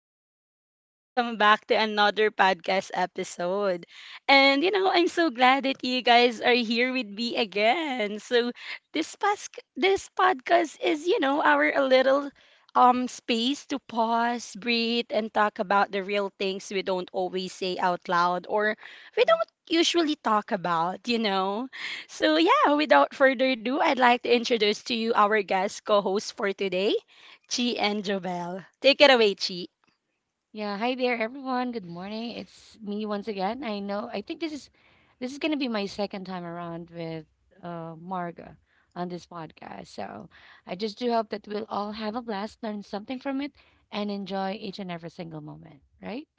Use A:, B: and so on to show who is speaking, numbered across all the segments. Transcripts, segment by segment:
A: beautiful people, and welcome back to another podcast episode. And, you know, I'm so glad that you guys are here with me again. So, this podcast is, you know, our a little space to pause, breathe, and talk about the real things we don't always say out loud or we don't usually talk about, you know. So, yeah, without further ado, I'd like to introduce to you our guest co host for today. Chi and Jobel. Take it away, Chi.
B: Yeah, hi there everyone. Good morning. It's me once again. I know I think this is going to be my second time around with Marga on this podcast. So, I just do hope that we'll all have a blast, learn something from it, and enjoy each and every single moment, right?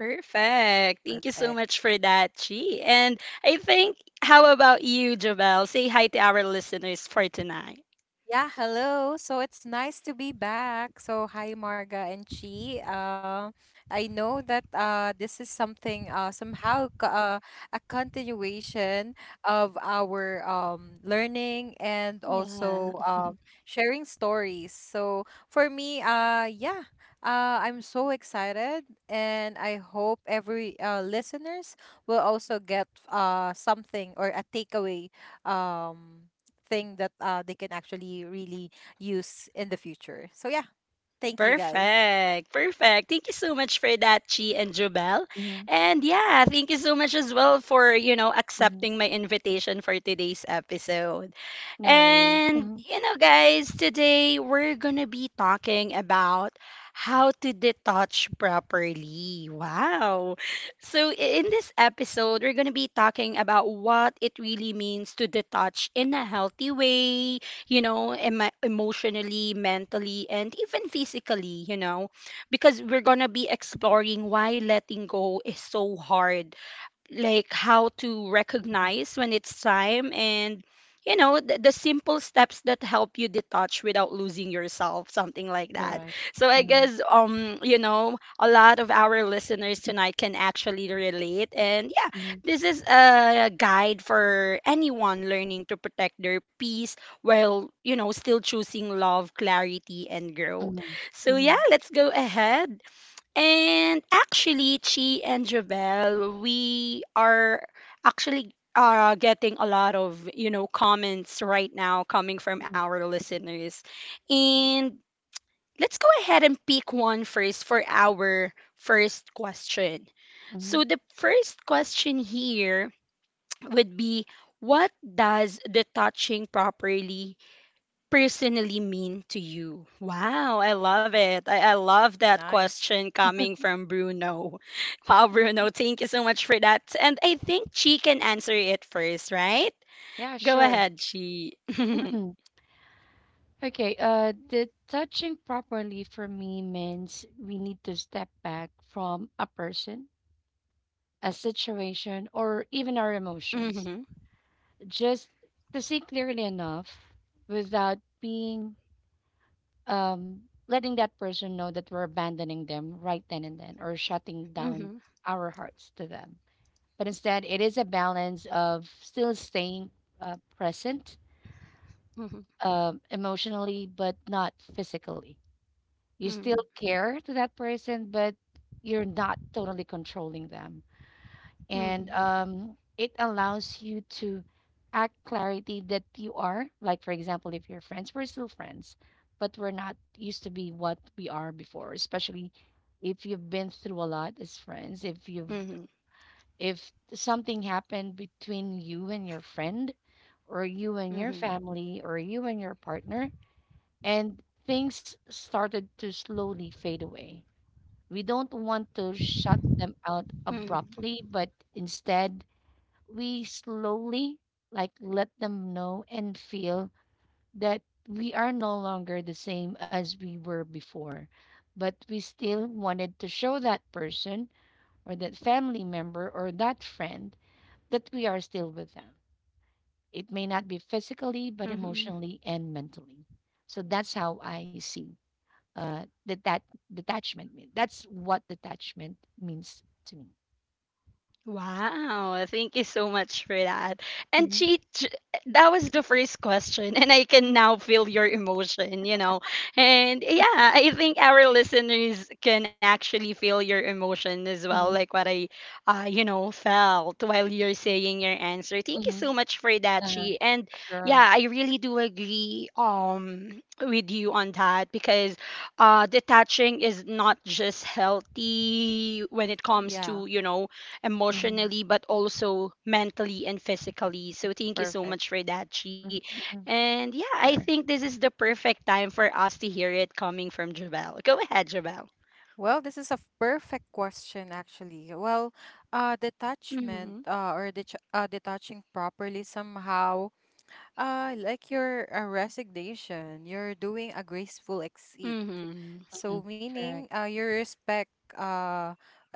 A: Perfect. Thank you so
C: Perfect.
A: much for that, Chi. And I think, how about you, Jobel? Say hi to our listeners for tonight.
C: Yeah, hello. So it's nice to be back. So hi Marga and Chi. I know that this is something somehow a continuation of our learning and
A: Yeah.
C: also sharing stories. So for me, yeah, I'm so excited and I hope every listeners will also get something or a takeaway um thing that they can actually really use in the future. So yeah, thank you guys.
A: Perfect. Perfect. Thank you so much for that, Chi and Jubel.
B: Mhm.
A: And yeah, thank you so much as well for, you know,
B: Mhm.
A: accepting my invitation for today's episode.
B: No worries.
A: And,
B: Mhm.
A: you know, guys, today we're gonna be talking about how to detach properly. Wow. So, in this episode, we're gonna be talking about what it really means to detach in a healthy way, you know, emotionally, mentally, and even physically, you know, because we're going to be exploring why letting go is so hard, like how to
B: Mm.
A: recognize when it's time and you know the simple steps that help you detach without losing yourself, something like that.
B: Correct.
A: So I
B: Uh-huh.
A: guess you know, a lot of our listeners tonight can actually relate. And yeah,
B: Mhm.
A: this is a guide for anyone learning to protect their peace while, you know, still choosing love, clarity, and growth.
B: Mhm.
A: So yeah,
B: Mhm.
A: let's go ahead. And actually, Chi and Javel, we are actually getting a lot of, you know, comments right now coming from
B: Mhm.
A: our listeners. And let's go ahead and pick one first for our first question.
B: Mhm.
A: So the first question here would be, what does the touching properly personally mean to you? Wow, I love it. I love that
C: Nice.
A: question coming from Bruno. Wow, Bruno, thank you so much for that. And I think she can answer it first, right?
B: Yeah,
A: Go
B: sure.
A: ahead, she.
B: Okay, the touching properly for me means we need to step back from a person, a situation, or even our emotions,
A: Mhm,
B: just to see clearly enough without being um letting that person know that we're abandoning them right then and then or shutting down
A: mhm,
B: our hearts to them. But instead, it is a balance of still staying present
A: mhm,
B: emotionally but not physically. You still
A: mhm,
B: care to that person, but you're not totally controlling them. And
A: mhm,
B: it allows you to act clarity that you are. Like, for example, if you're friends, we're still friends, but we're not used to be what we are before, especially if you've been through a lot as friends, if
A: mhm,
B: you've
A: mhm,
B: if something happened between you and your friend, or you and your
A: mhm,
B: family, or you and your partner, and things started to slowly fade away. We don't want to shut them out
A: mhm,
B: abruptly, but instead we slowly like let them know and feel that we are no longer the same as we were before. But we still wanted to show that person or that family member or that friend that we are still with them. It may not be physically, but
A: mhm,
B: emotionally and mentally. So that's how I see uh detach detachment mean. That's what detachment means to me.
A: Wow, thank you so much for that. And
B: Mhm.
A: she, j- that was the first question, and I can now feel your emotion, you know. And yeah, I think our listeners can actually feel your emotion as well,
B: Mhm.
A: like what I, you know, felt while you're saying your answer. Thank you
B: Mhm.
A: so much for that,
B: Uh,
A: Chi. And
B: sure.
A: yeah, I really do agree with you on that because detaching is not just healthy when it comes
C: Yeah.
A: to, you know,
B: Mhm.
A: emotionally but also mentally and physically. So thank you so
C: Perfect.
A: much for that,
B: Mhm.
A: Chi.
B: Mhm.
A: And yeah, I
B: Sure.
A: think this is the perfect time for us to hear it coming from Jabel. Go ahead, Jabel.
C: Well, this is a perfect question, actually. Well, detachment
A: Mhm.
C: or detaching properly somehow. Like your resignation, you're doing a graceful exit.
A: Mhm.
B: Mhm.
C: So
B: Correct.
C: meaning, you respect, uh,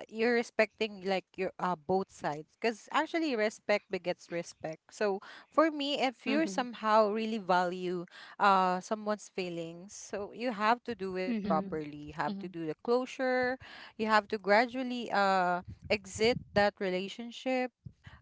C: you're respecting like your both sides. Because actually, respect begets respect. So for me, if you
A: Mhm.
C: somehow really value someone's feelings, so you have to do it
B: Mhm.
A: Mhm.
C: properly. You have to
B: Mhm.
C: do the closure. You have to gradually exit that relationship,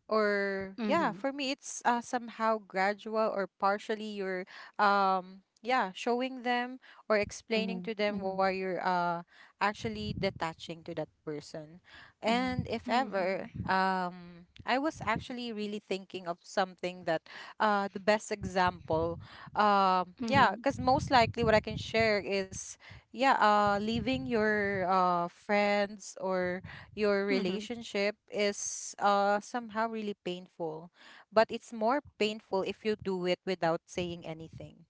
C: or yeah, for
A: Mhm.
C: me it's somehow gradual or partially you're yeah showing them or explaining
B: Mhm.
C: to them why
B: Mhm.
C: you're actually detaching to that person.
B: Mhm.
C: And if ever,
A: Mhm.
C: I was actually really thinking of something that the best example, yeah, because
A: Mhm.
C: most likely what I can share is yeah, leaving your friends or your
A: Mhm.
C: relationship is somehow really painful, but it's more painful if you do it without saying anything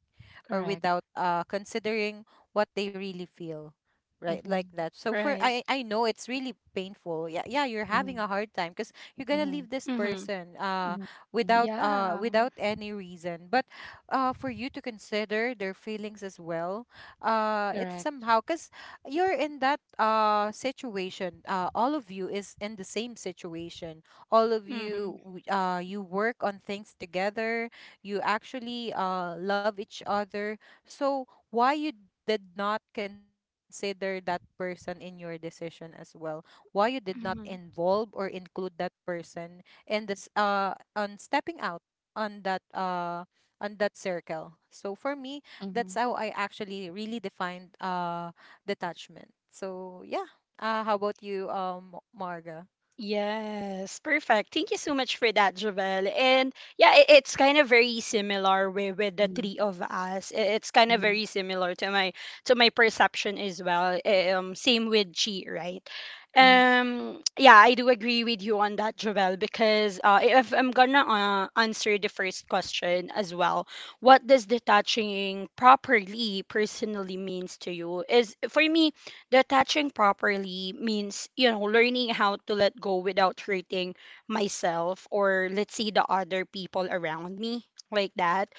C: or
B: Correct.
C: without considering what they really feel, right, like
B: Mhm.
C: that. So for
A: Right.
C: I know it's really painful. Yeah, yeah, you're having
B: Mhm.
C: a hard time because you're gonna
B: Mhm.
C: leave this
A: Mhm.
C: person
B: Mhm. Mhm.
C: without
A: Yeah.
C: without any reason, but for you to consider their feelings as well, it's
B: Correct.
C: somehow because you're in that situation, all of you is in the same situation, all of you
A: Mhm.
C: you work on things together, you actually love each other. So why you did not consider that person in your decision as well, why you did not
A: Mhm.
C: involve or include that person in this on stepping out on that uh on that circle. So for me,
B: Mhm.
C: that's how I actually really defined detachment. So yeah, how about you, Marga?
A: Yes, perfect. Thank you so much for that, Javel. And yeah, it, it's kind of very similar with the
B: Mhm.
A: three of us. It's kind of
B: Mhm.
A: very similar to my perception as well. Eh, um, same with Chi, right?
B: Mhm.
A: Yeah, I do agree with you on that, Javel, because if I'm gonna answer the first question as well, what does detaching properly personally means to you is, for me, the attaching properly means, you know, learning how to let go without hurting myself or let's say the other people around me, like that.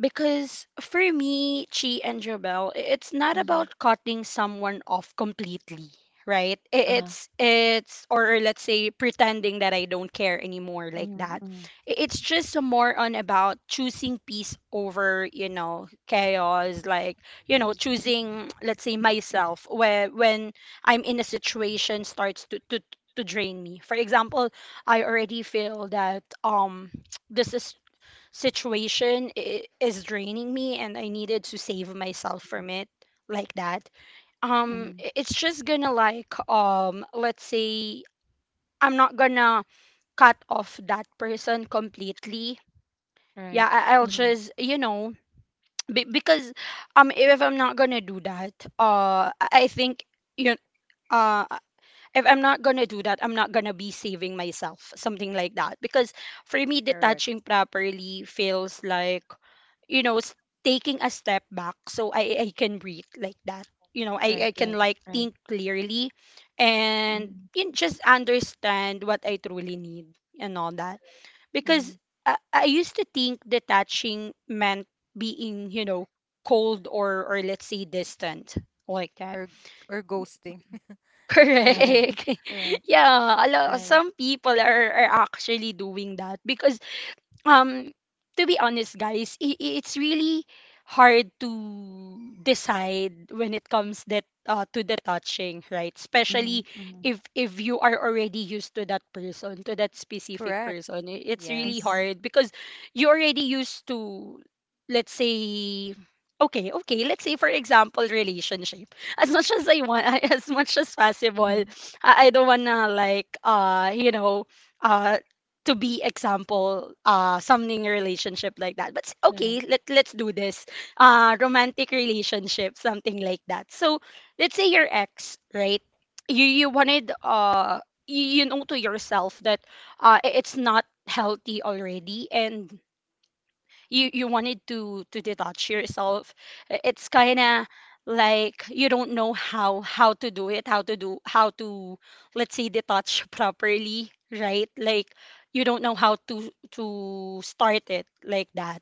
A: Because for me, Chi and Jobel, it's not
B: Mhm.
A: about cutting someone off completely, right?
B: Uh-huh.
A: It's or let's say pretending that I don't care anymore, like
B: Mhm.
A: that.
B: Mhm.
A: It's just more on about choosing peace over, you know, chaos, like, you know,
B: Mhm.
A: choosing, let's say, myself where when I'm in a situation starts to drain me. For example, I already feel that this is situation is draining me and I needed to save myself
B: Mhm.
A: from it, like that. Um,
B: Mhm.
A: it's just gonna like, um, let's say I'm not gonna cut off that person completely.
B: Right.
A: Yeah, I- I'll
B: Mhm.
A: just, you know, because if I'm not gonna do that, I think you uh if I'm not gonna do that, I'm not gonna be saving myself, something like that. Because for me,
C: Correct.
A: detaching properly feels like, you know, taking a step back so I can breathe, like that. You know,
B: Right.
A: I can
B: Right.
A: like
B: Right.
A: think clearly
B: Mhm.
A: and, you know, just understand what I truly need and all that.
B: Mhm.
A: Because I used to think detaching meant being, you know, cold or let's say distant, like that.
C: Or or ghosting.
B: Right.
C: Yeah.
A: Correct.
B: Correct.
A: Yeah, a lot,
B: Right.
A: some people are actually doing that because um to be honest guys, it's really hard to decide when it comes that, to the touching, right?
B: Mhm,
A: Especially
B: mhm,
A: if you are already used to that person, to that specific
C: correct
A: person, it's really
C: yes
B: mhm,
A: hard because you already used to, let's say, okay, okay, let's say for example relationship, as much as I want as much as possible,
B: mhm,
A: I don't wanna like you know uh to be example something relationship, like that, but
B: correct.
A: okay, let's do this, romantic relationship, something like that. So let's say your ex, right? You wanted, you, you know, to yourself that it's not healthy already, and you wanted to detach yourself. It's kind of like you don't know how to do it how to do how to let's say detach properly, right? Like you don't know how to start it, like that.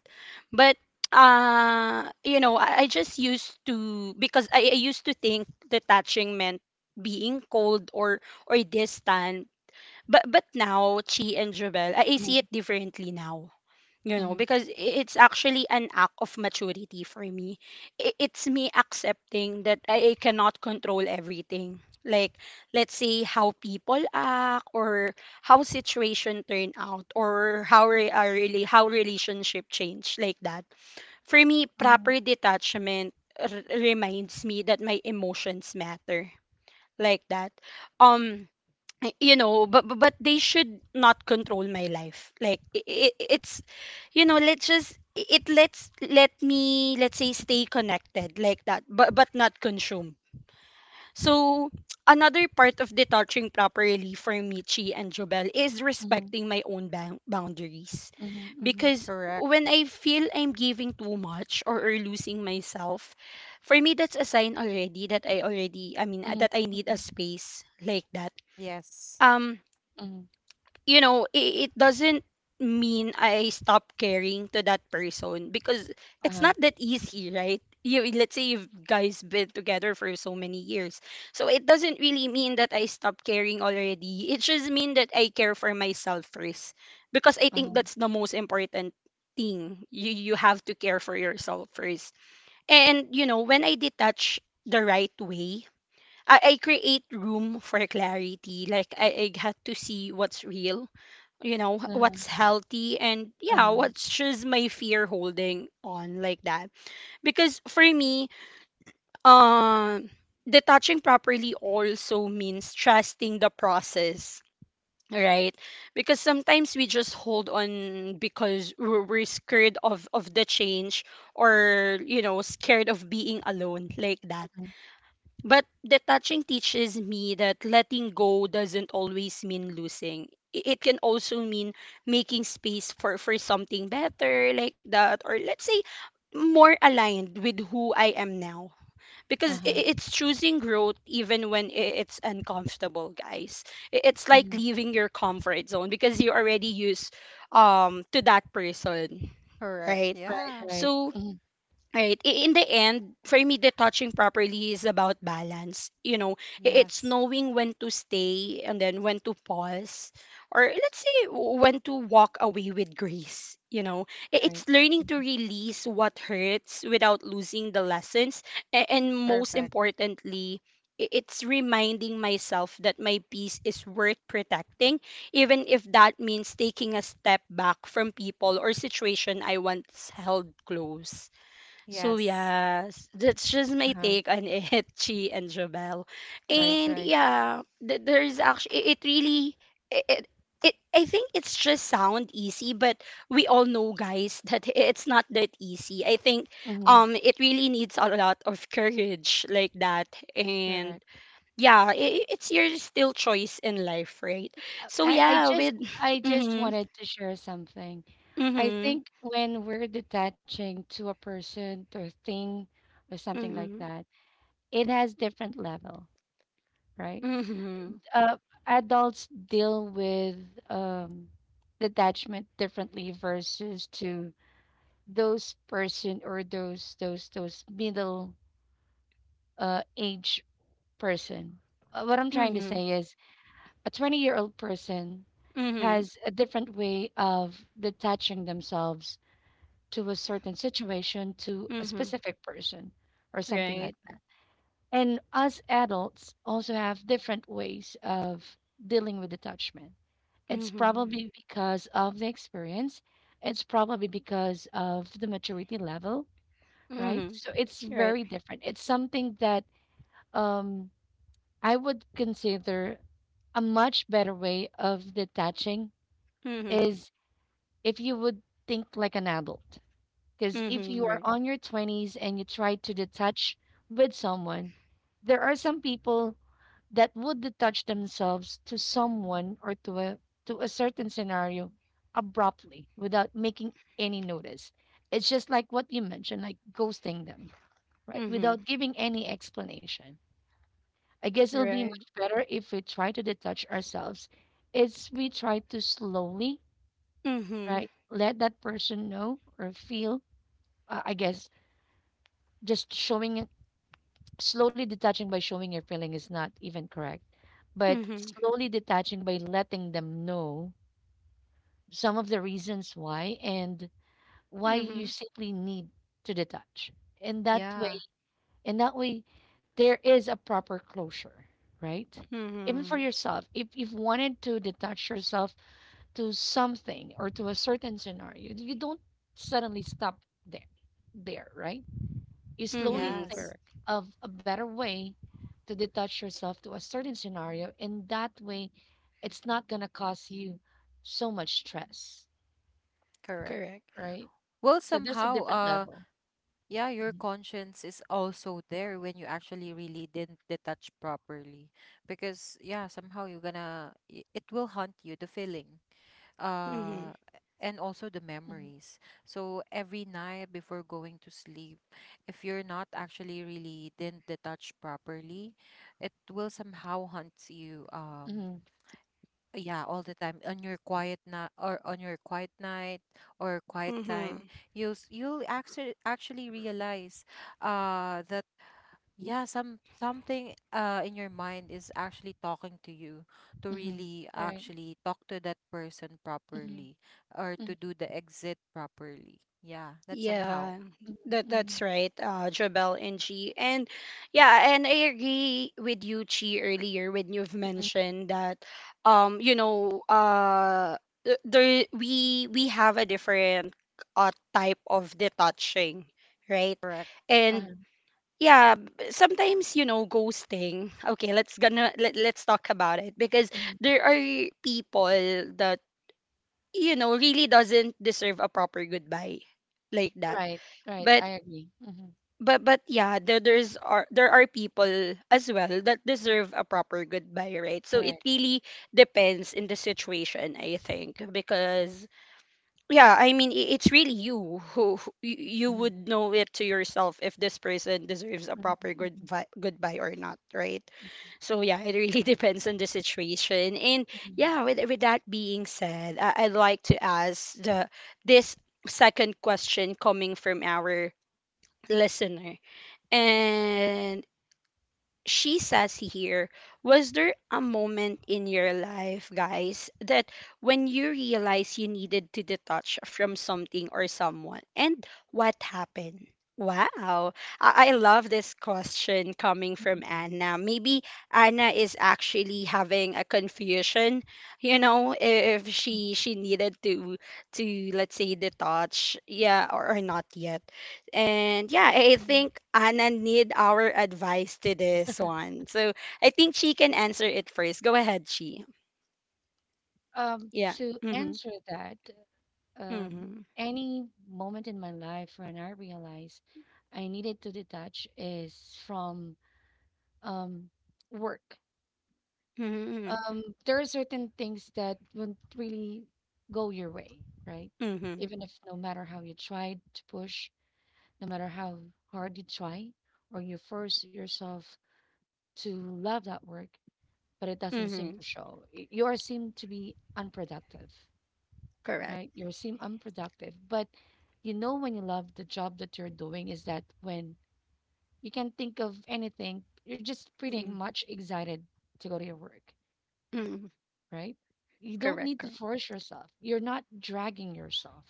A: But you know, I just used to, because I used to think detaching meant being cold or distant. But now, Chi and Jobel, I
B: Mhm,
A: see it differently now, you know,
B: mhm,
A: because it's actually an act of maturity for me. It's me accepting that I cannot control everything, like let's say how people act or how situation turn out or how really how relationship change, like that. For me,
B: mhm,
A: proper detachment reminds me that my emotions matter, like that. Um, you know, but but they should not control my life, like it, it's, you know, let's just I- it lets let me let's say stay connected, like that, but not consume. So another part of detaching properly for Michi and Jobel is
B: mhm,
A: respecting my own boundaries,
B: mhm, mhm,
A: because
C: Correct.
A: when I feel I'm giving too much or losing myself, for me that's a sign already that I already I mean
B: mhm,
A: that I need a
B: mhm,
A: space, like that.
C: Yes.
A: Um,
B: mhm.
A: you know, it doesn't mean I stop caring to that person because it's
B: Uh-huh,
A: not that easy, right? You, let's say you've guys been together for so many years. So it doesn't really mean that I stop caring already. It just mean that I care for myself first, because I think
B: uh-huh,
A: that's the most important thing. You have to care for yourself first. And you know, when I detach the right way, I create room for clarity. Like I had to see what's real, you know,
B: uh-huh,
A: what's healthy, and yeah,
B: uh-huh,
A: what's just my fear holding on, like that. Because for me, um, detaching properly also means trusting the process, right? Because sometimes we just hold on because we're scared of the change, or you know, scared of being alone, like that.
B: uh-huh,
A: But detaching teaches me that letting go doesn't always mean losing. I- It can also mean making space for something better, like that, or let's say more aligned with who I am now. Because
B: uh-huh,
A: it's choosing growth even when I- it's uncomfortable, guys. I- It's like
B: mhm.
A: leaving your comfort zone because you're already used, to that person,
C: Correct.
A: right?
B: Right,
C: Yeah.
B: right,
A: So,
B: mhm,
A: right. In the end, for me, detaching properly is about balance. You know, I- it's
C: Yes.
A: knowing when to stay and then when to pause, or let's say when to walk away with grace. You know, I-
B: right,
A: it's learning to release what hurts without losing the lessons. And most
C: Perfect.
A: importantly, I- it's reminding myself that my peace is worth protecting, even if that means taking a step back from people or situation I once held close. So
C: Yes.
A: yes, that's just my
B: uh-huh,
A: take on it, Chi and Jabel.
B: right,
A: And
B: right,
A: yeah, there is actually it it really it, it it I think it's just sound easy, but we all know, guys, that it's not that easy. I think
B: mhm,
A: it really needs a lot of courage, like that. And
B: correct.
A: yeah, it it's your still choice in life, right?
B: Uh,
A: So
B: I, I
A: yeah,
B: just
A: with
B: I just
A: mhm
B: wanted to share something. I
A: mhm
B: think when we're detaching to a person or thing or something like
A: mhm
B: that, it has different level, right?
A: mhm
B: uh, adults deal with um, detachment differently versus to those person or those middle age person. What I'm trying to
A: mhm
B: say is a 20-year-old person
A: mhm
B: has a different way of detaching themselves to a certain situation to a
A: mhm.
B: specific person or something like
A: Right.
B: that. And us adults also have different ways of dealing with attachment. It's
A: Mhm.
B: probably because of the experience. It's probably because of the maturity level, right?
A: Mhm.
B: So it's
A: Right.
B: very different. It's something that um, I would consider a much better way of detaching
A: Mhm.
B: is if you would think like an adult. Because if
A: Mhm.
B: you are
A: Right.
B: on your 20s and you try to detach with someone, there are some people that would detach themselves to someone or to a certain scenario abruptly without making any notice. It's just like what you mentioned, like ghosting them, right?
A: Mhm.
B: Without giving any explanation. I guess it'll be
A: Right.
B: much better if we try to detach ourselves. It's we try to slowly,
A: Mhm.
B: right? Let that person know or feel. I guess just showing slowly detaching by showing your feeling is not even correct, but
A: Mhm.
B: slowly detaching by letting them know some of the reasons why and why you
A: Mhm.
B: simply need to detach. In that way,
C: Yeah.
B: in that way, there is a proper closure, right? Even for
A: Mhm.
B: yourself, if you've wanted to detach yourself to something or to a certain scenario, you don't suddenly stop there, there, right? You slowly
A: Mhm.
B: think
C: Yes.
A: Correct.
B: of a better way to detach yourself to a certain scenario, and that way it's not going to cause you so much stress,
C: Correct.
A: Correct.
B: right?
C: Well,
B: So there's a
C: somehow,
B: different level.
C: yeah, your
B: Mhm,
C: conscience is also there when you actually really didn't detach properly. Because yeah, somehow you're gonna, it will haunt you, the feeling. Uh
A: Mhm.
C: and also the
B: mhm,
C: memories. So every night before going to sleep, if you're not actually really didn't detach properly, it will somehow haunt you.
B: mhm,
C: Yeah, all the time on your quiet night, or on your quiet night or quiet time,
A: Mhm.
C: you'll you'll actually realize that yeah, some something in your mind is actually talking to you to
B: mhm,
C: really
B: right.
C: actually talk to that person
B: Mhm,
C: properly or
B: mhm,
C: to do the exit properly. Yeah, that's somehow
A: Yeah,
B: mhm,
A: that's
B: mhm,
A: right, Jabel and Chi. And I agree with you, Chi, earlier when you've
B: mhm,
A: mentioned that, um, you know, uh, there we have a different type of detaching, right?
C: correct.
A: And
B: uh-huh,
A: yeah, sometimes you know ghosting. Okay, let's gonna let's talk about it because
B: mhm.
A: there are people that you know really doesn't deserve a proper goodbye like that.
B: Right. Right.
A: but
B: I agree. Mm-hmm.
A: but but yeah, there are people as well that deserve a proper goodbye, right? So it
B: Correct.
A: really depends in the situation, I think, because yeah, I mean it's really you you
B: Mm-hmm.
A: would know it to yourself if this person deserves a
B: Mm-hmm.
A: proper
B: Mm-hmm.
A: goodbye or not, right? So yeah, it really depends on the situation. And
B: Mm-hmm,
A: yeah, with that being said, I'd like to ask the this second question coming from our listener. And she says here, was there a moment in your life, guys, that when you realized you needed to detach from something or someone? And what happened? Wow. I love this question coming from
B: mm-hmm.
A: Anna. Maybe Anna is actually having a confusion, you know, if she needed to let's say detach, yeah, or not yet. And yeah, I
B: Mm-hmm.
A: think Anna need our advice to this one. So I think she can answer it first. Go ahead, she.
B: Um,
A: Yeah.
B: to
A: Mm-hmm.
B: answer that, um,
A: Mm-hmm.
B: any moment in my life when I realized I needed to detach is from um, work.
A: Mm-hmm.
B: There are certain things that won't really go your way, right?
A: Mm-hmm.
B: Even if no matter how you tried to push, no matter how hard you try, or you force yourself to love that work, but it doesn't seem
A: Mm-hmm.
B: to show. You are seem to be unproductive,
A: Correct.
B: right? You seem unproductive. But you know when you love the job that you're doing is that when you can think of anything, you're just pretty
A: Mm-hmm.
B: much excited to go to your work,
A: Correct.
B: right? You don't need
A: Correct.
B: to force yourself. You're not dragging yourself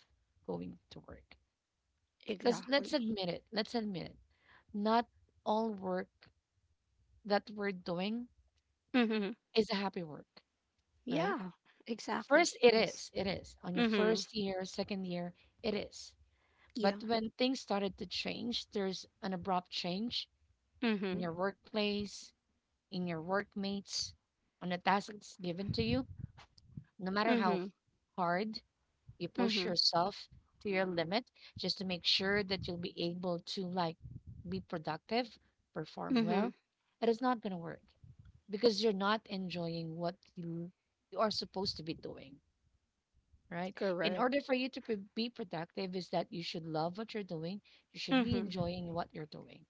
B: going to work. Because let's
A: Exactly.
B: admit it, let's admit it, not all work that we're doing
A: Mm-hmm.
B: is a happy work, right?
A: Yeah. Exactly.
B: First, it is,
A: Yes.
B: it is. On your
A: Mm-hmm.
B: first year, second year, it is.
A: Yeah.
B: But when things started to change, there's an abrupt change in
A: Mm-hmm.
B: your workplace, in your workmates, on the task that's given to you, no matter how
A: Mm-hmm.
B: hard you push
A: Mm-hmm.
B: yourself to your limit, just to make sure that you'll be able to like be productive, perform
A: Mm-hmm.
B: well, it is not going to work because you're not enjoying what you are supposed to be doing, right? In
A: Correct.
B: order for you to be productive, is that you should love what you're doing, you should be
A: Mm-hmm.
B: enjoying what you're doing,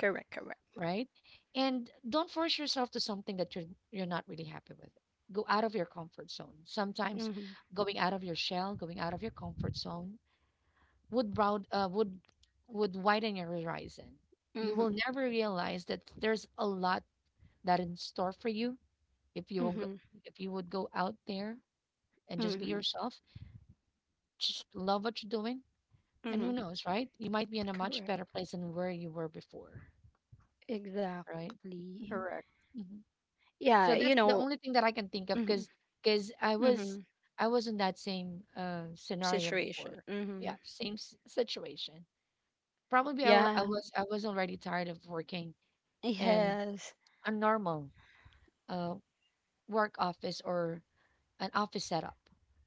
A: Correct. Correct.
B: right? And don't force yourself to something that you're not really happy with. Go out of your comfort zone. Sometimes
A: Mm-hmm.
B: going out of your shell, going out of your comfort zone would broad would widen your horizon. You will
A: Mm-hmm.
B: never realize that there's a lot that in store for you if you will go,
A: Mm-hmm.
B: if you would go out there and just be
A: Mm-hmm.
B: yourself, just love what you're doing. And who
A: Mm-hmm.
B: knows, right? You might be in a much
A: Correct.
B: better place than where you were before, right?
A: Exactly.
B: Hmm. Hmm.
A: Yeah, you
B: So that's
A: know,
B: the only thing that I can think of
A: hmm
B: because because I was
A: hmm
B: I was in that same scenario
A: situation.
B: before.
A: Hmm
B: Yeah, same situation.
A: Yeah,
B: I was already tired of working in
A: yes,
B: a normal uh, work office or an office setup.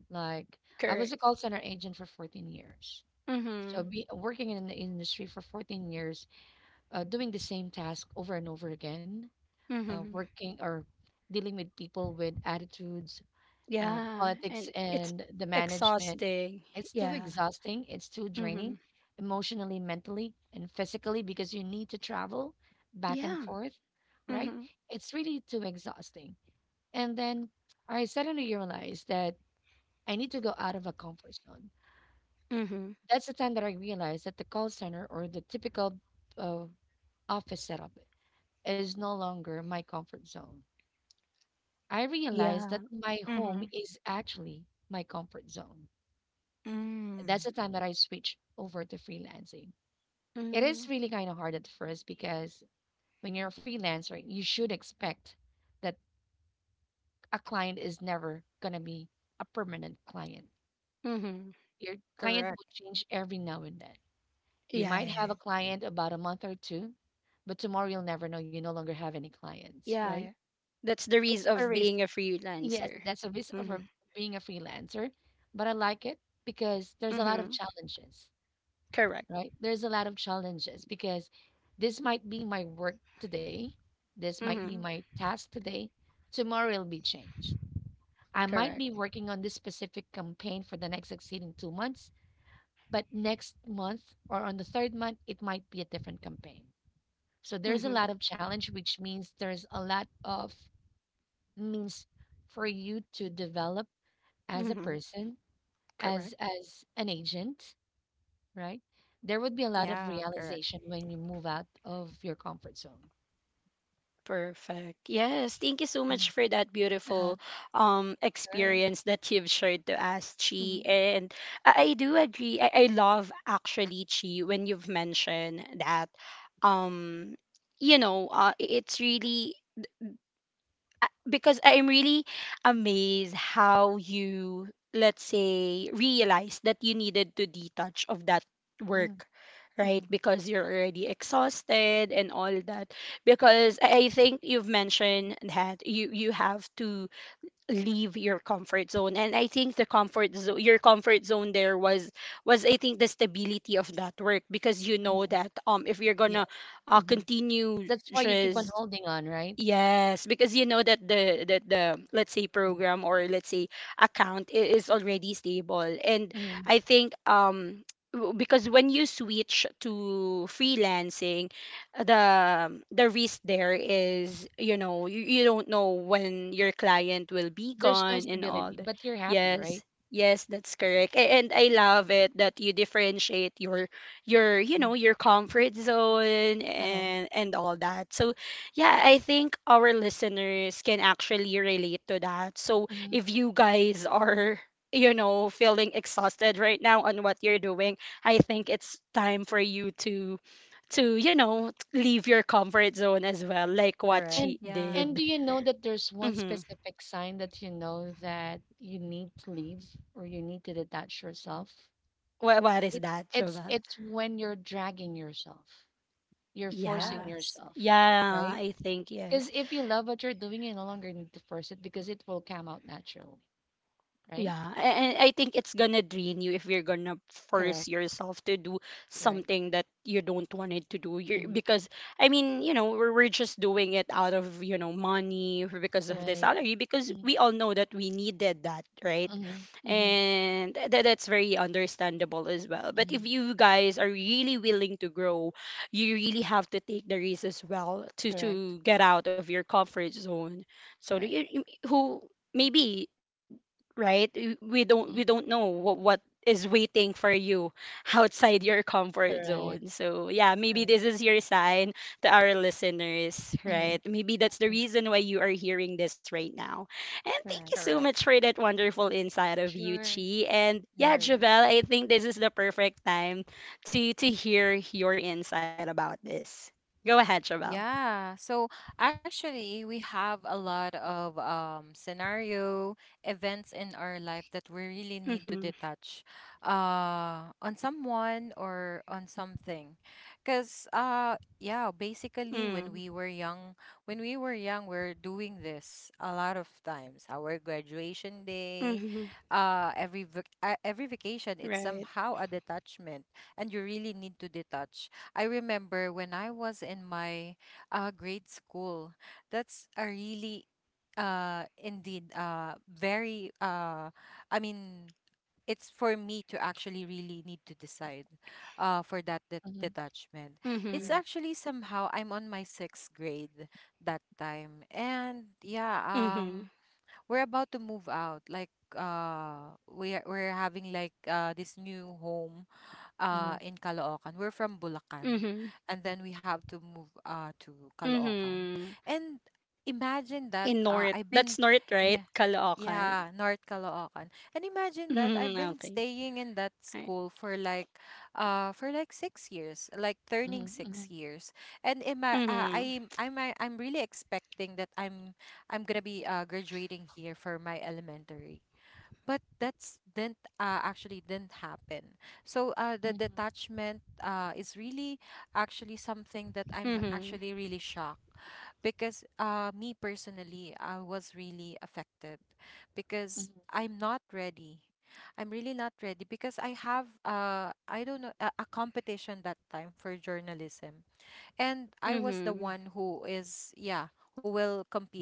B: Like I was
A: correct.
B: a call center agent for 14 years. So
A: Hmm
B: be working in the industry for 14 years doing the same task over and over again,
A: hmm
B: working or dealing with people with attitudes,
A: Yeah,
B: politics,
A: and it's
B: and the management.
A: exhausting.
B: It's too
A: Yeah.
B: exhausting. It's too draining
A: hmm
B: emotionally, mentally, and physically because you need to travel back and
A: Yeah.
B: forth, right?
A: hmm
B: It's really too exhausting. And then I suddenly realized that I need to go out of a comfort zone.
A: hmm
B: That's the time that I realized that the call center or the typical uh, office setup is no longer my comfort zone. I realized
A: Yeah.
B: that my home
A: hmm
B: is actually my comfort zone. That's
A: mm
B: the time that I switched over to freelancing. It
A: Mm-hmm.
B: is really kind of hard at first because when you're a freelancer, you should expect that a client is never going to be a permanent client.
A: hmm
B: Your client
C: Correct.
B: will change every now and then. You
A: Yeah,
B: might have
A: yeah,
B: a client about a month or two, but tomorrow you'll never know. You no longer have any clients,
A: yeah.
B: right?
A: Yeah. That's the
B: It's
A: reason
B: a
A: of
B: risk
A: being a
B: Yes,
A: freelancer.
B: that's a risk of
A: Mm-hmm.
B: being a freelancer, but I like it because there's a lot of
A: Mm-hmm.
B: challenges,
A: Correct.
B: right? There's a lot of challenges because this might be my work today, this might be
A: Mm-hmm.
B: my task today, tomorrow it'll be changed. I might be
A: Correct.
B: working on this specific campaign for the next succeeding 2 months, but next month or on the third month, it might be a different campaign. So there's a
A: Mm-hmm.
B: lot of challenge, which means there's a lot of means for you to develop as a
A: Mm-hmm.
B: person as
A: Correct.
B: as an agent, right? There would be a lot
C: Yeah,
B: of
C: correct,
B: realization when you move out of your comfort zone.
A: Perfect. Yes, thank you so
B: Mm.
A: much for that
B: Uh-huh.
A: beautiful
B: Sure.
A: experience that you've shared to us, Chi.
B: Hmm.
A: And I do agree. I love actually Chi when you've mentioned that um it's really because I'm really amazed how you, let's say, realized that you needed to detach of that
B: Hmm.
A: work, right?
B: Hmm.
A: Because you're already exhausted and all that. Because I think you've mentioned that you have to leave your comfort zone, and I think your comfort zone there was I think the stability of that work because you know
B: Hmm.
A: that if you're
B: Yes.
A: gonna
B: Hmm.
A: continue
B: That's why you keep on
A: just.
B: holding on, right?
A: Yes, because you know that the let's say program or let's say account is already stable. And
B: Mm-hmm.
A: I think because when you switch to freelancing, the risk there is, you know, you don't know when your client will be
B: There's no
A: gone and all
B: stability,
A: the
B: but you're happy, right?
A: yes. Yes, that's correct. And I love it that you differentiate your, you
B: Mm.
A: know, your comfort zone
B: Uh-huh.
A: and all that. So yeah, I think our listeners can actually relate to that. So
B: Hmm.
A: if you guys are, you know, feeling exhausted right now on what you're doing, I think it's time for you to you know, leave your comfort zone as well, like what
C: correct.
B: And
A: she
C: Yeah.
B: and
A: did.
B: do you know that there's one
A: Mm-hmm.
B: specific sign that you know that you need to leave or you need to detach yourself?
A: What is
B: It's
A: that,
B: it's
A: Jovel?
B: it's when you're dragging yourself. You're forcing
A: Yeah.
C: Yes,
B: yourself,
A: Yeah,
B: right?
A: I think
B: Because
A: yes.
B: if you love what you're doing, you no longer need to force it because it will come out naturally, right?
A: Yeah, and I think it's gonna drain you if you're gonna force
B: Correct.
A: yourself to do
B: Right.
A: something that you don't want it to do.
B: Hmm.
A: Because I mean, you know, we're just doing it out of, you know, money or because of the
B: Right.
A: salary because we all know that we needed that, right?
B: Mm-hmm. Hmm.
A: And that's very understandable as well. But if
B: Hmm.
A: you guys are really willing to grow, you really have to take the risk as well
B: Correct.
A: to get out of your comfort zone. So do
B: Right.
A: who maybe right? We
B: Mhm.
A: don't know what is waiting for you outside your comfort
B: Correct.
A: zone. So yeah, maybe
B: Correct.
A: this is your sign to our listeners,
B: Mm-hmm.
A: right? Maybe that's the
B: Mm-hmm.
A: reason why you are hearing this right now. And thank you
B: Correct.
A: so
C: correct.
A: much for that wonderful insight of you,
B: Sure.
A: Chi. And yeah,
B: Very.
A: Javel, I think this is the perfect time to hear your insight about this. Go ahead, Javel.
C: Yeah. So actually, we have a lot of scenario events in our life that we
A: Mm-hmm.
C: really need to detach on someone or on something. Because, yeah, basically,
A: Mm.
C: when we were young, we're doing this a lot of times. Our graduation
A: Mm-hmm.
C: day, every vacation,
A: Right.
C: it's somehow a detachment, and you really need to detach. I remember when I was in my grade school. That's a really, indeed, very, I mean, it's for me to actually really need to decide, for that
B: Mm-hmm.
C: detachment.
A: Mm-hmm.
C: It's
B: Correct.
C: actually somehow I'm on my sixth grade that time, and yeah,
A: Mm-hmm.
C: we're about to move out. Like, we're having like this new home
B: Mm-hmm.
C: in Caloocan. We're from
A: Mm-hmm.
C: Bulacan. And then
B: Mm-hmm.
C: we have to move to
A: Mm-hmm.
C: Caloocan. And
A: In North.
C: imagine that
A: That's North,
C: I've
A: right?
C: been, yeah,
A: Caloocan.
C: yeah, North Caloocan. And imagine
A: Mhm,
C: that I've
A: okay.
C: been staying in that
A: Alright.
C: school for like 6 years, like
B: Mm-hmm.
C: turning
B: Mm-hmm.
C: 6 years. And ima-
A: Mhm,
C: uh, I'm really expecting that I'm gonna be graduating here for my elementary, but that's didn't actually didn't happen. So the
B: Mm-hmm.
C: detachment is really actually something that I'm
A: mhm,
C: actually really shocked, because me personally, I was really affected because
B: Mm-hmm.
C: I'm not ready. I'm really not ready because I have I don't know, a competition that time for journalism, and I was
A: mhm,
C: the one who is yeah who will compete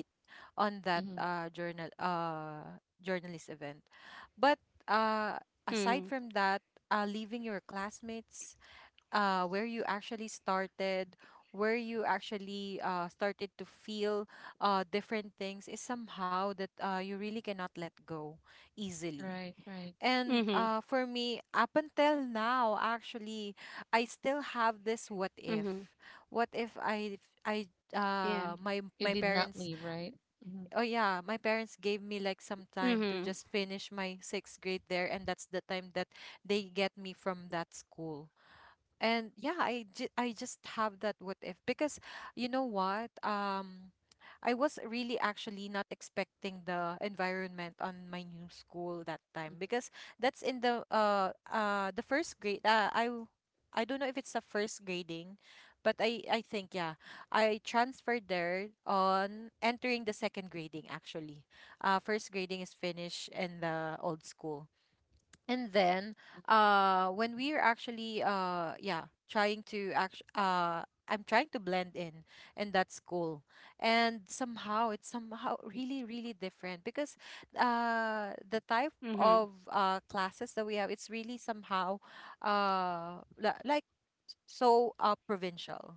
C: on that
B: Mm-hmm.
C: journalist event. But uh
A: mhm,
C: aside from that, leaving your classmates where you actually started, where you actually started to feel different things is somehow that you really cannot let go easily.
B: Right. Right.
C: And
A: mhm,
C: for me, up until now, actually, I still have this what
A: mhm.
C: if. What if I
A: Yeah.
C: my
B: You
C: my
B: did not
C: parents—
B: leave, right? Mm-hmm.
C: oh yeah, my parents gave me like some
A: Mhm,
C: time to just finish my sixth grade there, and that's the time that they get me from that school. And yeah, I just have that what if, because you know what, I was really actually not expecting the environment on my new school that time, because that's in the first grade, I don't know if it's the first grading, but I think yeah I transferred there on entering the second grading, actually. First grading is finished in the old school, and then when we're actually yeah trying to act, I'm trying to blend in, and that's cool. And somehow it's somehow really, really different because the type
A: mhm,
C: of classes that we have, it's really somehow like so provincial,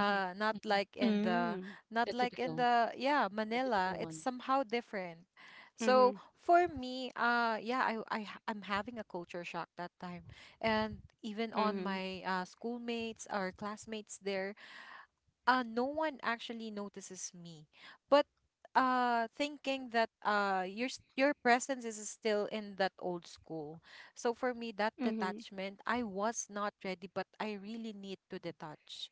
B: Mm-hmm.
C: not
B: Mm-hmm.
C: like in
A: mhm,
C: the
B: The typical,
C: yeah
B: the typical
C: Manila, it's
B: one.
C: somehow different.
A: mhm,
C: So for me, yeah, I'm having a culture shock that time. And even
A: mhm,
C: on my schoolmates or classmates there, no one actually notices me, but thinking that your presence is still in that old school. So for me, that
A: mhm,
C: detachment, I was not ready, but I really need to detach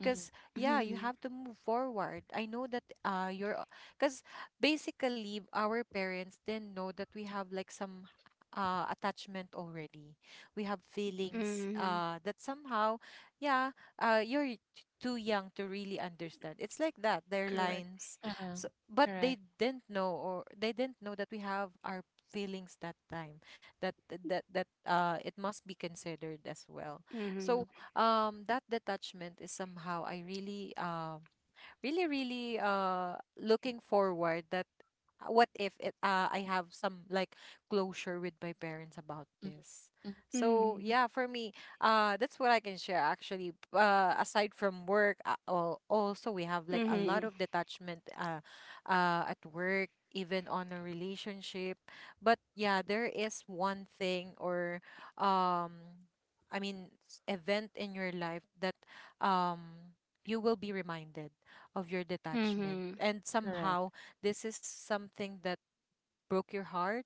B: Mm-hmm. Mm-hmm.
C: yeah,
A: mhm,
C: you have to move forward. I know that you're— because basically our parents didn't know that we have like some attachment already. We have feelings
A: mhm.
C: that somehow yeah, you're too young to really understand. It's like that, their
A: Correct.
C: lines.
B: Uh-huh.
C: So, but they
B: Correct.
C: didn't know, or they didn't know that we have our feelings that time, that it must be considered as well.
A: Mhm,
B: Mhm,
C: So that detachment is somehow, I really really, really looking forward that what if it, I have some like closure with my parents about
B: mhm,
C: this.
B: mhm.
C: So
A: mhm,
C: yeah, for me, that's what I can share, actually. Aside from work, also we have like a lot
A: mhm,
C: of detachment at work, even on a relationship. But yeah, there is one thing, or um, I mean, event in your life that um you will be reminded of your detachment.
A: mhm,
C: And
B: Correct.
C: somehow, this is something that broke your heart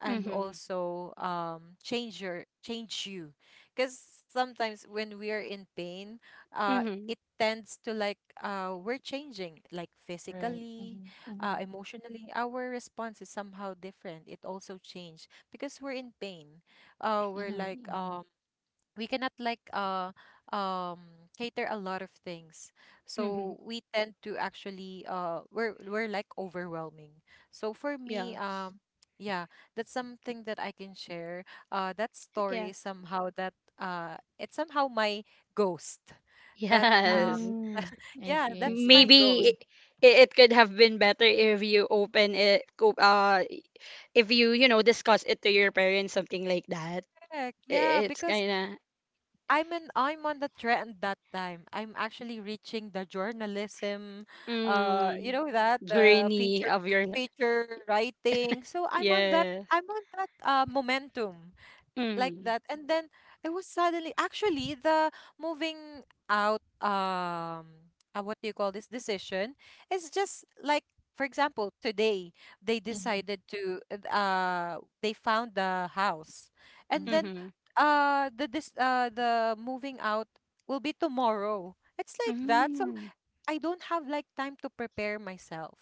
C: and
B: Mhm.
A: mhm,
C: also change you, because sometimes when we are in pain, uh it
A: mhm,
C: tends to like, we're changing like
B: Right.
C: physically,
B: Mhm, mhm,
C: emotionally our response is somehow different. It also changed because we're in pain. We're
B: mhm,
C: like,
B: mhm.
C: we cannot like cater a lot of things.
A: mhm.
C: So we tend to actually, we're like overwhelming. So for me,
A: Yes.
C: yeah, that's something that I can share. That story is
A: Yes.
C: somehow that it's somehow my ghost that
A: Yes.
B: Mm. I
C: yeah,
B: see, I
C: that's my
B: see.
A: Maybe
C: ghost.
B: Mhm,
A: it, it could have been better if you open it, if you you know discuss it to your parents something like that
C: Correct, yeah,
A: it's
C: because
A: kind of
C: I'm on the trend that time. I'm actually reaching the journalism, you
A: mm,
C: know that
A: journey of your li-
C: feature writing. So I'm on that
A: yes
C: I'm on that momentum, like
A: mm,
C: that. And then it was suddenly actually the moving out, what do you call this decision is just like, for example today they
B: mhm,
C: decided to, they found the house. And
B: mhm.
C: then
A: mm-hmm,
C: the moving out will be tomorrow. It's like that. So
A: mm-hmm,
C: I don't have like time to prepare myself,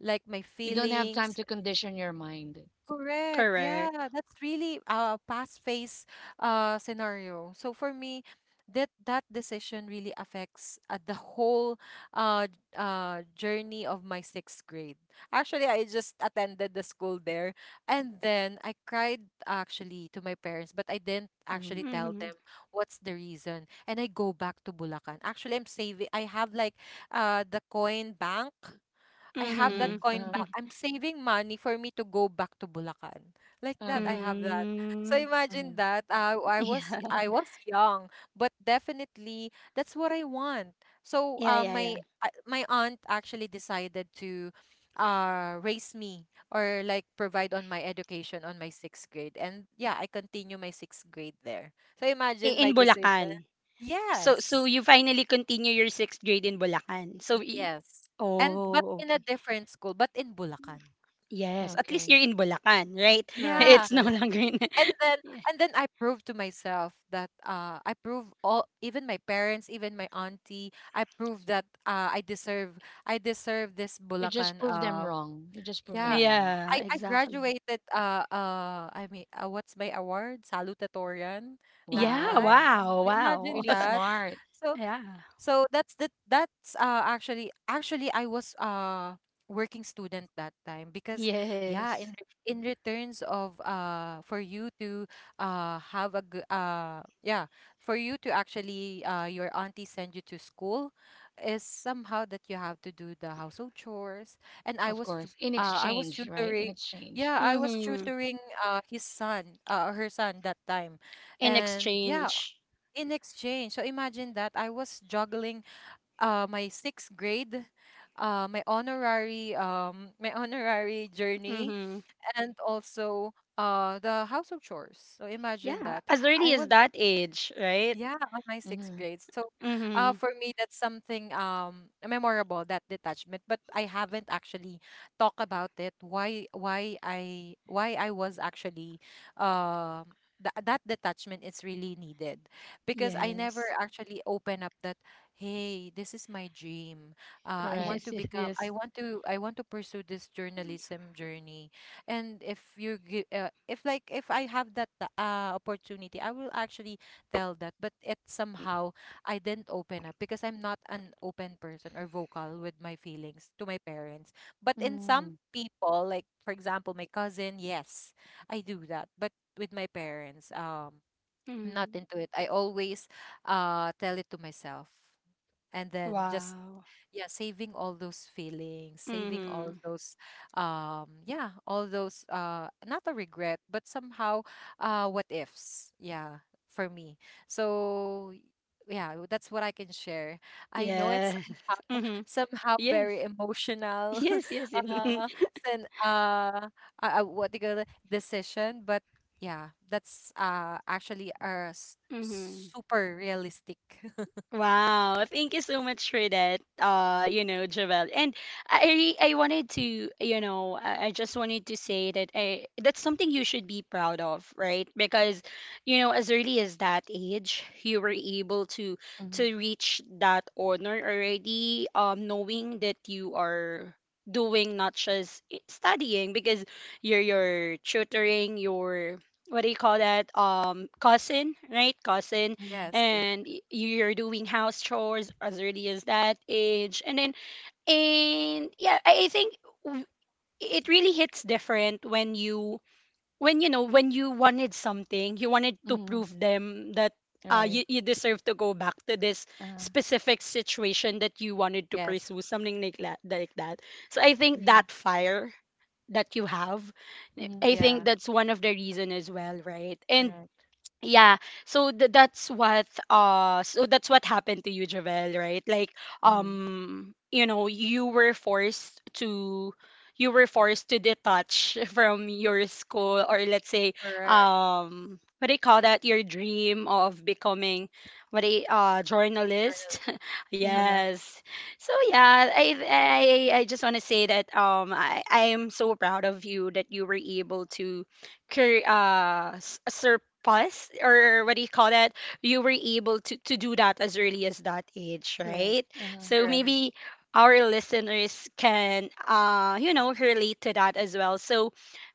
C: like my
B: You don't have time
C: feelings.
B: to condition your mind.
C: Correct.
A: correct
C: Yeah, that's really a past phase scenario. So for me, that decision really affects the whole journey of my sixth grade. Actually, I just attended the school there, and then I cried actually to my parents, but I didn't
B: Mm-hmm.
C: actually tell
A: mm-hmm,
C: them what's the reason. And I go back to Bulacan. Actually, I'm saving. I have like the coin bank. I have that
A: mm-hmm,
B: Mm-hmm.
C: coin
B: Uh-huh.
C: back. I'm saving money for me to go back to Bulacan. Like that, I
B: Uh-huh.
C: have that. So
A: mm,
C: imagine
B: Uh-huh.
C: that. I
A: yeah
C: was I was young, but definitely that's what I want. So,
A: yeah
C: uh,
A: yeah yeah
C: my uh, my aunt actually decided to raise me or like provide on my education on my sixth grade. And yeah, I continue my sixth grade there. So imagine my
A: in
C: decision.
A: Bulacan so so
C: Yes.
A: you finally continue your sixth grade in Bulacan so
C: Yes. And but
A: oh
C: in a
A: okay
C: different school, but in Bulacan.
A: yes at least
B: Okay.
A: you're in Bulacan right
B: Correct.
C: Yeah.
A: it's no
B: Correct.
A: longer in
C: And then and then I proved to myself that I prove all, even my parents, even my auntie, I proved that I deserve this
B: You just
C: Bulacan,
B: prove them wrong. You just prove
C: yeah,
B: them wrong.
A: Yeah,
C: I
A: exactly.
C: graduated, I mean, what's my award? Salutatorian that
A: Yeah,
B: Wow.
C: time.
A: wow,
C: So imagine
A: wow.
B: Pretty
C: that.
B: smart,
C: So
A: yeah.
C: so that's that's actually I was working student that time, because yeah,
A: Yes.
C: in returns of, for you to have a good, yeah, for you to actually, your auntie send you to school, is somehow that you have to do the household chores. And I
B: of
C: was
B: course. In exchange, right? In
C: tutoring,
B: exchange.
C: yeah, I was
A: Mm-hmm.
C: tutoring his son, her son that time,
A: In
C: and yeah,
A: exchange.
C: in exchange. So imagine that I was juggling my sixth grade, my honorary journey,
A: Mm-hmm.
C: and also the house of chores. So imagine
A: Yeah,
C: that.
A: as early
C: I
A: as
C: was
A: that age, right?
C: Yeah, on my sixth
B: Mm-hmm.
C: grade. So,
A: Mm-hmm.
C: for me, that's something memorable, that detachment. But I haven't actually talked about it. Why I was actually, uh, that detachment is really needed, because I never
A: Yes.
C: actually open up that, hey, this is my dream. I
B: Correct.
C: want
A: Yes,
C: to
A: yes,
C: become.
A: yes.
C: I want to pursue this journalism journey. And if you, gi- if like, if I have that opportunity, I will actually tell that, but it somehow I didn't open up, because I'm not an open person or vocal with my feelings to my parents. But in
B: Mm-hmm.
C: some people, like for example, my cousin, yes, I do that. But with my parents, I'm not
A: Mm.
C: into it. I always tell it to myself, and then just,
A: Wow.
C: yeah, saving all those feelings, saving all
A: Mm-hmm.
C: those, yeah, all those, not a regret, but somehow what ifs, yeah, for me. So yeah, that's what I can share. I know it's
A: Yes.
C: somehow
A: Mm-hmm.
C: somehow
A: Yes.
C: very emotional
A: Yes, yes, yes.
C: uh and, what do you call it, decision, but yeah, that's actually a
A: mm-hmm.
C: super realistic
A: Wow, thank you so much for that. You know, Javel. And I wanted to, you know, I just wanted to say that I that's something you should be proud of, right? Because, you know, as early as that age, you were able to
B: Mm-hmm.
A: reach that honor already, knowing that you are doing not just studying because you're tutoring your what do you call that? Cousin, right? cousin
C: yes,
B: Mm-hmm.
C: yes,
A: and you're doing house chores as early as that age and then and yeah I think w- it really hits different when you know when you wanted something you wanted to
B: Mm-hmm.
A: prove them that you,
B: Right.
A: you deserve to go back to this
B: Uh-huh.
A: specific situation that you wanted to
C: yes.
A: pursue something like that so I think
B: Mhm.
A: that fire that you have
B: Mhm.
A: I think
C: Yeah.
A: that's one of the reason as well right and
B: Correct.
A: yeah so that's what so that's what happened to you Javel right like
B: Mhm.
A: you know you were forced to detach from your school or let's say
C: Correct.
A: what do you call that your dream of becoming what a
C: Journal.
A: journalist
B: Mhm.
C: Correct,
A: yes so yeah I just want to say that I am so proud of you that you were able to s- surpass or what do you call that? You were able to do that as early as that age,
B: Correct.
A: right?
B: Uh-huh.
A: So
B: Uh-huh.
C: correct.
A: maybe our listeners can, you know, relate to that as well. So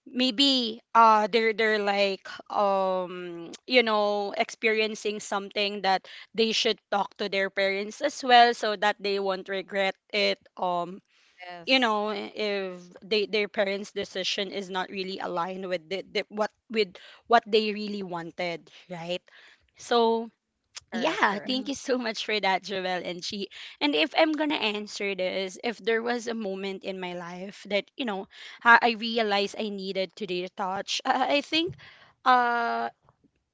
A: maybe they're like, you know, experiencing something that they should talk to their parents as well so that they won't regret it you
C: Yes.
A: know if they their parents decision is not really aligned with the what with what they really wanted right so
C: Correct,
A: yeah
C: correct,
A: thank
B: Mhm.
A: you so much for that joel and she and if I'm gonna answer this if there was a moment in my life that you know I realized I needed to detach I think uh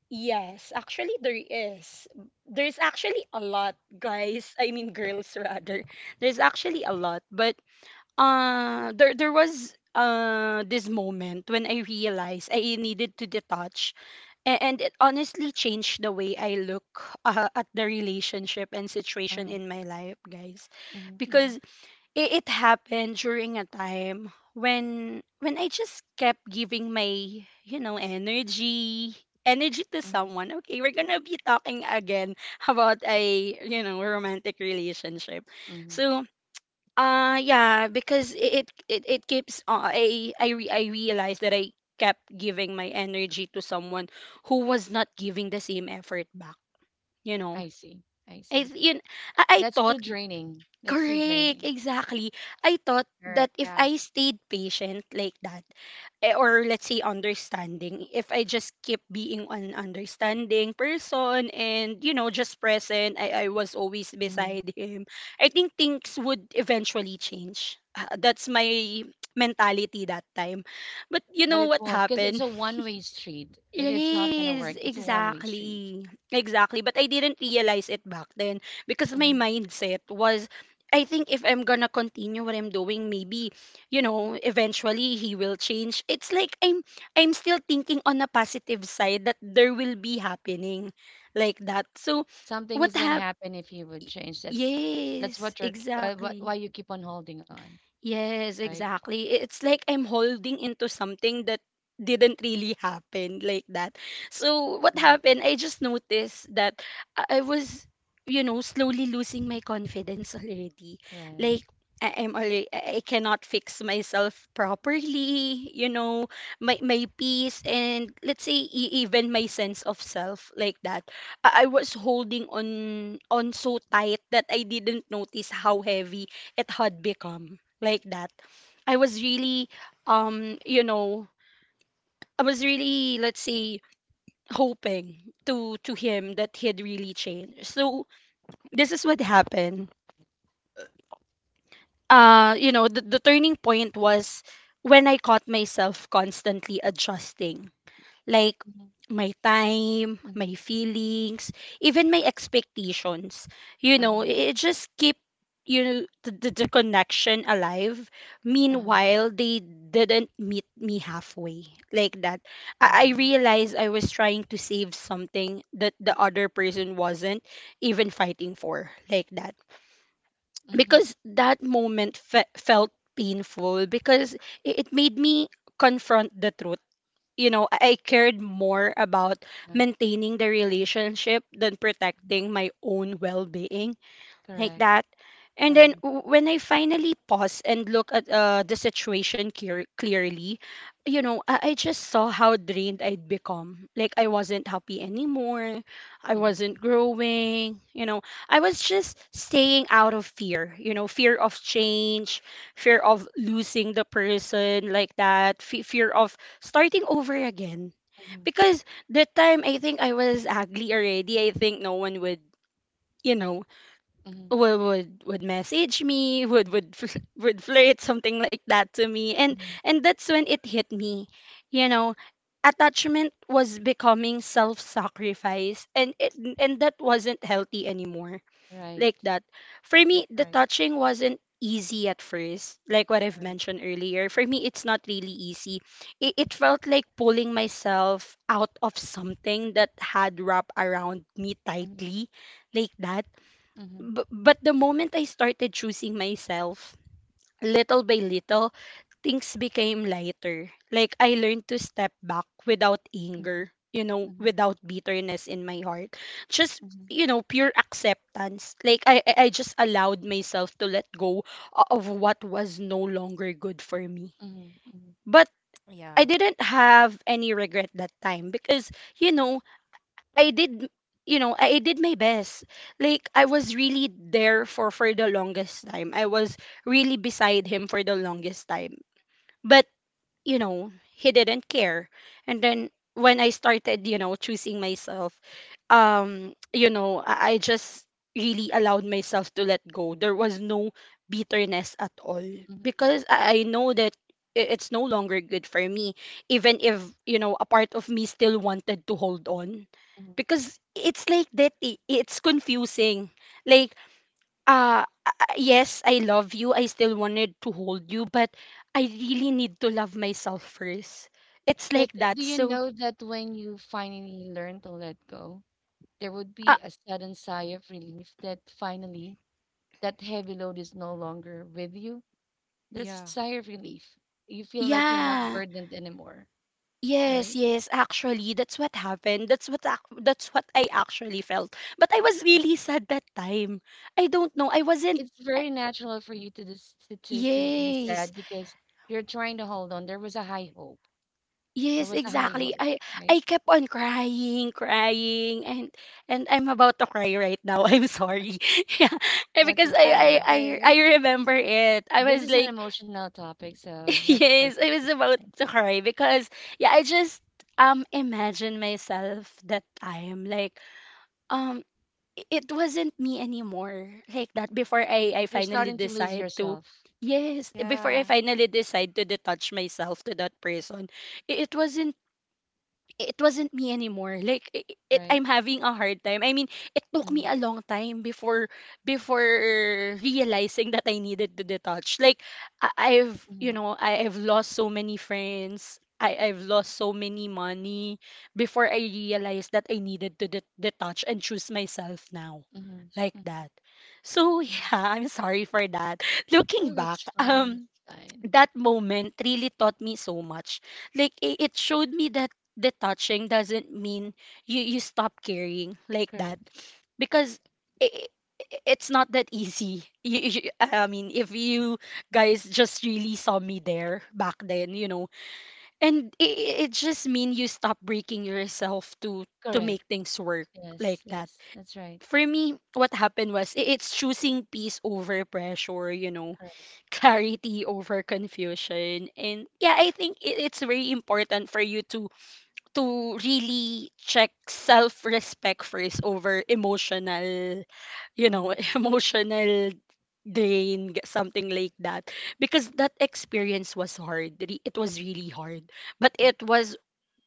A: yes actually there is there's actually a lot guys I mean girls rather there's actually a lot but there there was this moment when I realized I needed to detach and it honestly changed the way I look at the relationship and situation
B: Uh-huh.
A: in my life, guys.
B: Mhm. Mhm.
A: Because it happened during a time when I just kept giving my, you know, energy to
B: Mhm.
A: someone. Okay, we're gonna be talking again about a, you know, romantic relationship.
B: Mhm.
A: So yeah, because it keeps I realized that I kept giving my energy to someone who was not giving the same effort back, you know.
B: I see. I
A: I
B: see.
A: th- yun, I
B: That's too
A: thought
B: draining. That's too
A: Correct,
B: draining.
A: exactly. I thought that
C: correct.
A: if
C: Yeah.
A: I stayed patient like that, eh, or let's say understanding, if I just keep being an understanding person and, you know, just present, I was always
B: Mhm.
A: beside him, I think things would eventually change. Ah, that's my mentality that time. But you
B: But
A: know
B: it
A: what
B: won't because it's
A: happened?
B: a one-way street. It,
A: It
B: it's not gonna
A: is,
B: work. It's a one-way street.
A: exactly. Exactly. But I didn't realize it back then because my
B: Hmm.
A: mindset was I think if I'm gonna continue what I'm doing, maybe, you know, eventually he will change. It's like I'm still thinking on a positive side that there will be happening like that. So
B: Something
A: what
B: is gonna
A: hap
B: happen if you would change. That's
A: yes,
B: what you're what,
A: exactly.
B: why you keep on holding on,
A: Yes,
B: right?
A: exactly. I- It's like I'm holding into something that didn't really happen like that. So what
B: Hmm.
A: happened? I just noticed that I was, you know, slowly losing my confidence already.
B: Right.
A: Like I'm already, I cannot fix myself properly, you know, my peace and let's say even my sense of self like that. I was holding on so tight that I didn't notice how heavy it had become like that. I was really you know, I was really let's say hoping to him that he had really changed. So this is what happened. You know, the turning point was when I caught myself constantly adjusting like
B: Mm-hmm.
A: my time,
B: Mm-hmm.
A: my feelings, even my expectations. You know,
B: Uh-huh.
A: it just keep you know the connection alive.
B: Uh-huh.
A: Meanwhile, they didn't meet me halfway like that.
B: Uh-huh.
A: I realized I was trying to save something that the
B: Mm-hmm.
A: other person wasn't even fighting for like that,
B: Mm-hmm.
A: because that moment felt painful because it made me confront the truth. You know, I cared more about
B: Uh-huh.
A: maintaining the relationship than protecting my own well being like
B: Correct.
A: that. And then
B: Uh-huh.
A: when I finally pause and look at the situation clearly, you know, I just saw how drained I'd become. Like I wasn't happy anymore. I
B: Mhm.
A: wasn't growing. You know, I was just staying out of fear, you know, fear of change, fear of losing the person like that, fe fear of starting over again.
B: Mhm.
A: Because that time I think I was ugly already. I think no one would. You know,
B: Mhm.
A: would would message me, would fl- would flirt something like that to me,
B: Mhm.
A: and that's when it hit me. You know, attachment was becoming self-sacrifice, and it and that wasn't healthy anymore
B: Right.
A: like that. For me,
B: That's
A: the
B: right.
A: touching wasn't easy at first, like what I've
B: Right.
A: mentioned earlier. For me, it's not really easy. It felt like pulling myself out of something that had wrapped around me
B: Mhm.
A: tightly like that.
B: Mhm.
A: But the moment I started choosing myself, little by little, things became lighter. Like I learned to step back without
B: Mhm.
A: anger, you know,
B: Mhm.
A: without bitterness in my heart. Just
B: Mhm.
A: you know, pure acceptance. Like I just allowed myself to let go of what was no longer good for me.
B: Mhm. Mhm.
A: But
C: Yeah.
A: I didn't have any regret that time because you know I did, you know, I did my best. Like I was really there for the longest time. I was really beside him for the longest time. But you know, he didn't care. And then when I started, you know, choosing myself, you know, I just really allowed myself to let go. There was no bitterness at all
B: Mhm.
A: because I know that it's no longer good for me, even if, you know, a part of me still wanted to hold on.
B: Mhm.
A: Because it's like that, it's confusing. Like, yes, I love you. I still wanted to hold you, but I really need to love myself first. It's
B: But
A: like
B: do
A: that.
B: you
A: So,
B: know that when you finally learn to let go, there would
A: uh,
B: be a sudden sigh of relief that finally that heavy load is no longer with you? There's a
C: Yeah.
B: sigh of
A: y-
B: relief. You feel like you're not
A: yeah.
B: burdened anymore,
A: Yes,
B: right?
A: yes, actually, that's what happened. That's what that's what I actually felt. But I was really sad that time. I don't know. I wasn't
B: It's
A: eh,
B: very natural for you to dis to be sad
A: yes.
B: because you're trying to hold on. There was a high hope. There
A: Yes,
B: was a high
A: exactly.
B: hope,
A: I
B: right?
A: I kept on crying, crying, and I'm about to cry right now. I'm sorry. Yeah,
B: That's
A: because
C: Yeah, it's
A: I
B: okay.
A: I I,
C: okay.
A: I remember it. I
B: This
A: was
B: is an
A: like,
B: emotional topic, so that's
A: yes, I
B: perfectly
A: was about
B: fine.
A: to cry because yeah, I just imagine myself that time like um it wasn't me anymore like that, before I
B: You're
A: finally
B: starting to lose
A: decide to
B: yourself,
A: yes before
C: Yeah.
A: I finally decide to detach myself to that person. i- It wasn't it wasn't me anymore. Like it,
B: right?
A: I'm having a hard time. I mean, it took
B: Mm-hmm.
A: me a long time before before realizing that I needed to detach. Like I, I've
B: Mm-hmm.
A: you know I've lost so many friends. I've lost so many money before I realized that I needed to detach and choose myself now,
B: Mm-hmm.
A: like that. So
B: Hmm.
A: yeah, I'm sorry for that. Looking
B: No,
A: back,
B: that's fine. That's fine.
A: that moment really taught me so much. Like it showed me that detaching doesn't mean you stop caring like
B: Correct.
A: that, because i i- it's not that easy. I mean, if you guys just really saw me there back then, you know, and it just mean you stop breaking yourself to
B: Correct.
A: make things work like
B: Yes.
A: that.
B: Yes. That's right.
A: For me, what happened was it's choosing peace over pressure, you know,
B: Correct.
A: clarity over confusion. And yeah, I think it's very important for you to really check self-respect first over emotional you know
B: Mm-hmm.
A: emotional something like that, because that experience was hard. It was really hard, but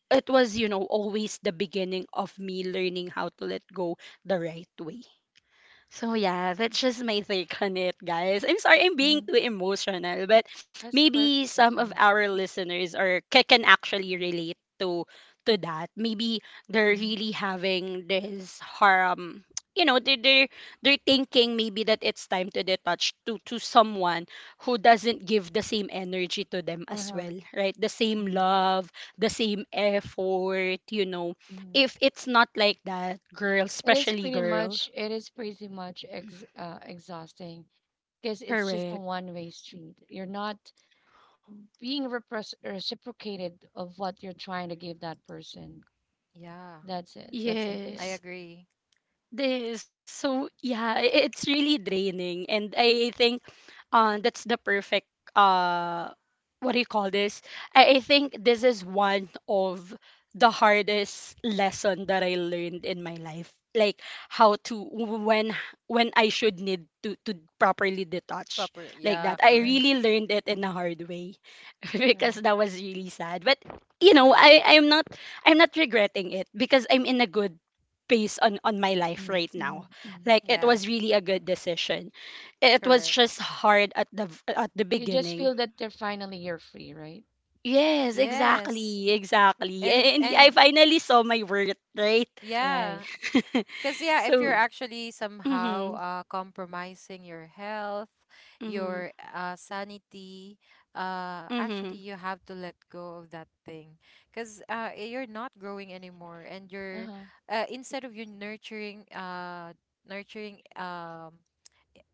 A: it was you know always the beginning of me learning how to let go the right way. So yeah, that's just my take on it, guys. I'm sorry I'm being
B: Mm-hmm.
A: too emotional, but
B: That's
A: maybe
B: perfectly
A: some of
B: fine.
A: our listeners can actually relate to that. Maybe they're
B: Mm-hmm.
A: really having this harm. You know, they they're thinking maybe that it's time to detach to someone who doesn't give the same energy to them as
B: Uh-huh.
A: well, right? The same
B: Mm-hmm.
A: love, the same effort. You know,
B: Mm-hmm.
A: if it's not like that, girls,
B: It is
A: especially
B: pretty
A: girls.
B: much it is pretty much ex exhausting because it's just a
A: Correct.
B: one-way street. You're not being repres reciprocated of what you're trying to give that person.
C: Yeah.
B: That's it. That's simply
C: I
B: it.
A: Yes.
C: agree.
A: This, so yeah, it's really draining. And I think that's the perfect uh what do you call this? I think this is one of the hardest lesson that I learned in my life. Like how to when I should need to properly detach
C: Proper.
A: like
C: Yeah,
A: that. I
C: correct.
B: Mm-hmm.
A: really learned it in a
B: Mm-hmm.
A: hard way
B: Correct.
A: because that was really sad. But you know, I'm not regretting it because I'm in a good based on my life right now.
B: Mm-hmm. Hmm.
A: Like it
C: Yeah,
A: was really a good decision. It was
C: correct.
A: just hard at the
B: You just
A: beginning.
B: feel that they're finally you're free, right?
A: Yes,
C: Yes.
A: exactly, exactly.
C: And
A: And
C: and
A: I finally saw my worth, right?
C: yeah.
B: Right.
C: Because, yeah, if
A: So,
C: you're
B: Right.
C: actually somehow
A: mhm,
C: compromising your health,
A: mhm,
C: your sanity, actually,
A: mhm,
C: you have to let go of that thing. Because you're not growing anymore, and you're,
B: Uh-huh.
C: instead of you nurturing, nurturing, um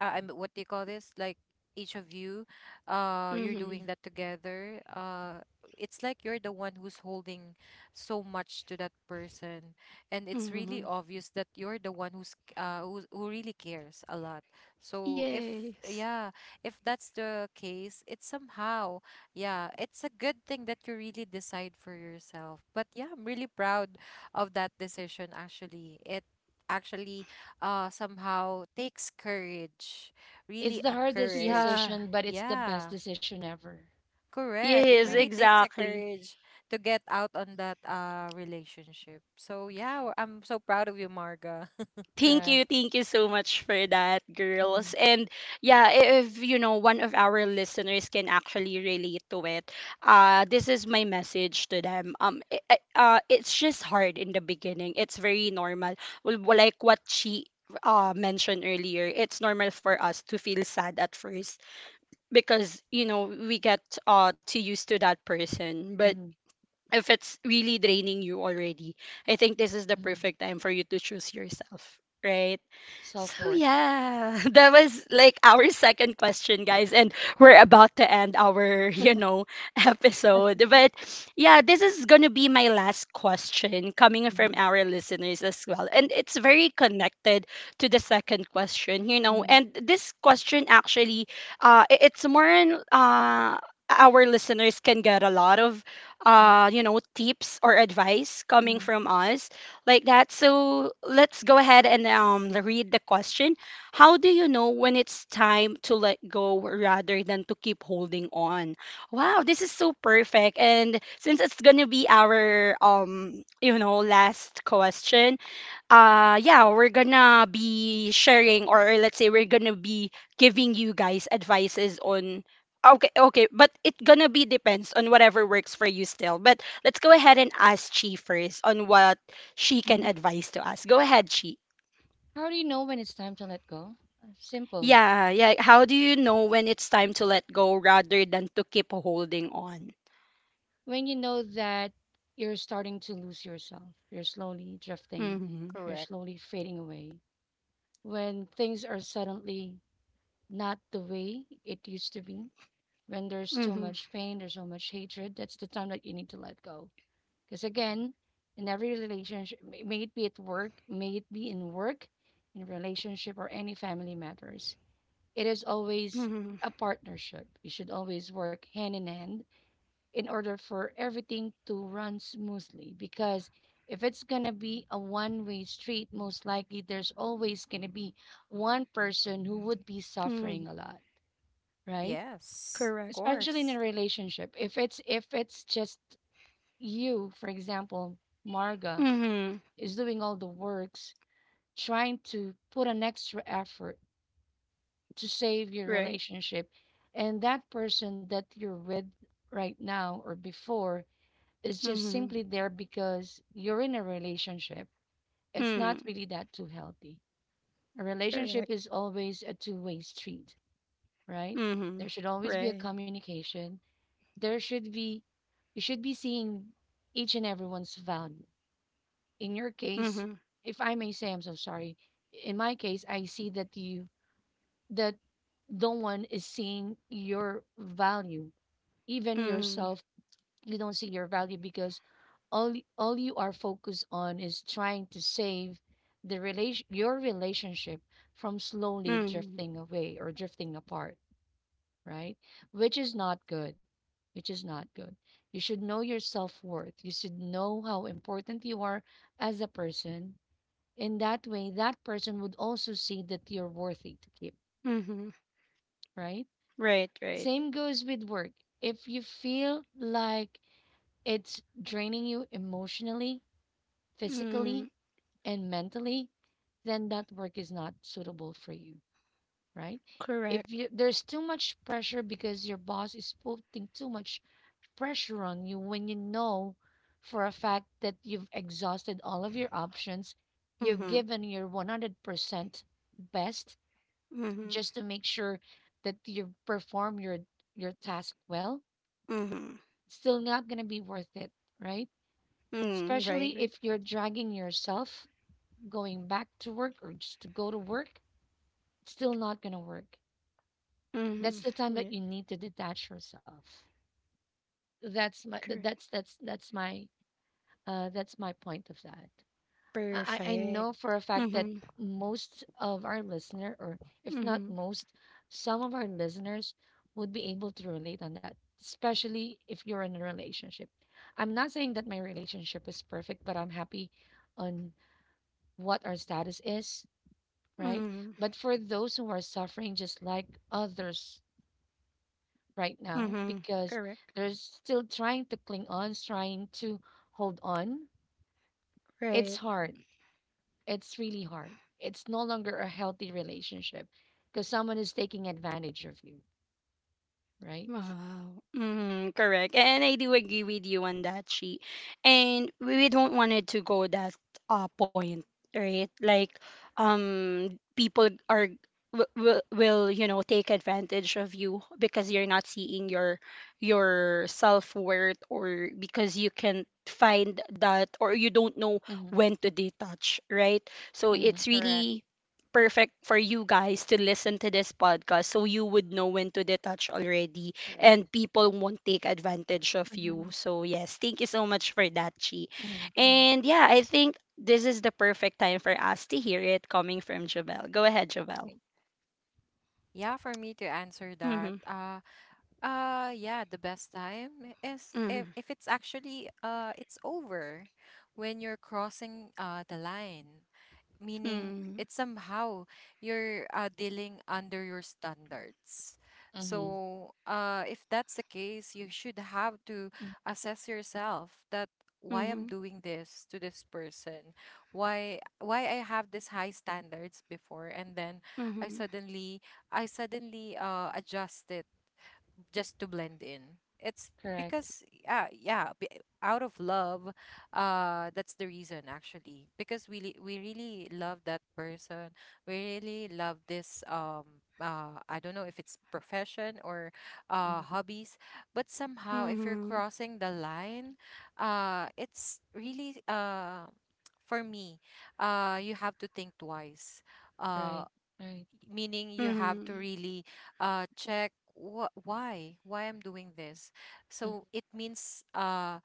C: uh, I mean, what do you call this? Like, each of you, you're doing
A: mhm,
C: that together. It's like you're the one who's holding so much to that person, and it's really
A: mhm.
C: obvious that you're the one who really cares a lot. So, if
A: Yes.
C: yeah, if that's the case, it's somehow, yeah, it's a good thing that you really decide for yourself. But yeah, I'm really proud of that decision. Actually, it actually somehow takes courage,
B: It's
C: really
B: the
C: a
B: hardest
C: courage.
A: Yeah.
B: decision, but it's the best
C: Yeah,
B: decision ever,
C: correct, it
A: Yes,
B: right?
C: really takes a
A: exactly.
C: courage to get out on that relationship. So, yeah, I'm so proud of you, Marga
B: Correct.
A: Thank you so much for that,
B: Mm-hmm.
A: girls. And yeah, if you know one of our listeners can actually relate to it, this is my message to them. It's just hard in the beginning. It's very normal. Well, like what she mentioned earlier, it's normal for us to feel sad at first because you know we get too used to that person, but.
B: Mm-hmm.
A: If it's really draining you already, I think this is the
B: Mm-hmm.
A: perfect time for you to choose yourself, right? So
B: Self-worth.
A: yeah, that was like our second question, guys, and we're about to end our, you know, episode. But yeah, this is gonna be my last question coming from
B: Mm-hmm.
A: our listeners as well. And it's very connected to the second question, you know.
B: Mm-hmm.
A: And this question actually it's more on, our listeners can get a lot of you know tips or advice coming
B: Mm.
A: from us like that. So let's go ahead and read the question. How do you know when it's time to let go rather than to keep holding on? Wow, this is so perfect. And since it's gonna be our you know last question, yeah, we're gonna be sharing, or let's say we're gonna be giving you guys advices on okay okay, but it gonna be depends on whatever works for you still. But let's go ahead and ask Chi first on what she can
B: Mhm.
A: advise to us. Go ahead, Chi.
B: How do you know when it's time to let go? Simple.
A: Yeah yeah, how do you know when it's time to let go rather than to keep holding on?
B: When you know that you're starting to lose yourself, you're slowly drifting,
A: Mm-hmm,
C: correct.
B: you're slowly fading away. When things are suddenly not the way it used to be, when there's so
A: mm-hmm,
B: much pain, there's so much hatred, that's the time that you need to let go. Because again, in every relationship, may it be at work, may it be in work, in relationship, or any family matters, it is always
A: mm-hmm,
B: a partnership. You should always work hand in hand in order for everything to run smoothly. Because if it's going to be a one way street, most likely there's always going to be one person who would be
A: mm-hmm.
B: suffering a lot, right?
C: Yes, of
A: Correct.
B: Especially in a
C: course.
B: relationship. If it's just you, for example, Marga
A: Mm-hmm.
B: is doing all the works, trying to put an extra effort to save your
A: Right.
B: relationship. And that person that you're with right now or before is just
A: Mm-hmm.
B: simply there because you're in a relationship. It's
A: Mm-hmm.
B: not really that too healthy. A relationship is always a two-way street, right? There
A: Mhm.
B: should always be a
A: Right.
B: communication. There should be, you should be seeing each and everyone's value. In your case,
A: Mhm.
B: if I may say, I'm so sorry. In my case, I see that you that no one is seeing your value, even
A: Mhm.
B: yourself. You don't see your value because all you are focused on is trying to save the relation your relationship from slowly
A: Mhm.
B: drifting away or drifting apart, right? Which is not good, which is not good. You should know your self-worth, you should know how important you are as a person. In that way that person would also see that you're worthy to keep,
A: Mhm.
B: right?
A: Right, right.
B: Same goes with work. If you feel like it's draining you emotionally, physically,
A: Mm.
B: and mentally, then that work is not suitable for you, right? If
A: Correct.
B: you there's too much pressure because your boss is putting too much pressure on you when you know for a fact that you've exhausted all of your options, you've
A: Mhm.
B: given your 100% best
A: Mhm.
B: just to make sure that you perform your task well,
A: Mhm.
B: still not going to be worth it, right?
A: Mm. Right,
B: Especially
A: right.
B: if you're dragging yourself going back to work or just to go to work, it's still not going to work. That's
A: Mhm.
B: the time that
A: Right.
B: you need to detach yourself. That's my th-
A: Correct.
B: that's my That's my point of that. I
A: Perfect.
B: know for a fact that
A: Mhm.
B: most of our listener, or if not
A: Mhm.
B: most, some of our listeners would be able to relate on that, especially if you're in a relationship. I'm not saying that my relationship is perfect, but I'm happy on what our status is, right?
A: Mhm.
B: But for those who are suffering just like others right now,
A: Mhm.
B: because
A: Correct.
B: they're still trying to cling on, trying to hold on, it's
A: Right.
B: hard, it's really hard. It's no longer a healthy relationship because someone is taking advantage of you, right?
A: Wow. Hmm, correct. And I do agree with you on that, she. And we don't want it to go that point, right? Like, people are will, you know, take advantage of you because you're not seeing your self-worth, or because you can find that or you don't know
B: Mm-hmm.
A: when to detach, right? So
B: Mm-hmm.
A: it's
C: Correct.
A: really perfect for you guys to listen to this podcast so you would know when to detach already, and
B: Correct.
A: people won't take advantage of
B: Mm-hmm.
A: you. So, yes, thank you so much for that, Chi.
B: Mm-hmm. Mm-hmm.
A: And yeah, I think this is the perfect time for us to hear it coming from Javel. Go ahead, Javel.
B: Right.
C: Yeah, for me to answer that,
A: Mm-hmm.
C: yeah, the best time is if,
A: Mm-hmm.
C: if it's actually, it's over, when you're crossing the line, meaning it's somehow you're dealing under your standards.
B: Mm-hmm.
C: So, if that's the case, you should have to
B: Mm-hmm.
C: assess yourself that why I'm
A: Mm-hmm.
C: doing this to this person, why I have this high standards before, and then I
A: Mm-hmm.
C: suddenly I suddenly adjust it just to blend in. It's
B: Correct.
C: because, yeah, yeah, out of love, that's the reason actually. Because we really love that person. We really love this I don't know if it's profession or
B: Mm-hmm.
C: hobbies, but somehow if you're
A: Mm-hmm.
C: crossing the line, it's really for me, you have to think twice. Uh
B: Right. Right.
C: meaning you have to
A: Mm-hmm.
C: really check, why I'm doing this.
B: Mm-hmm.
C: So it means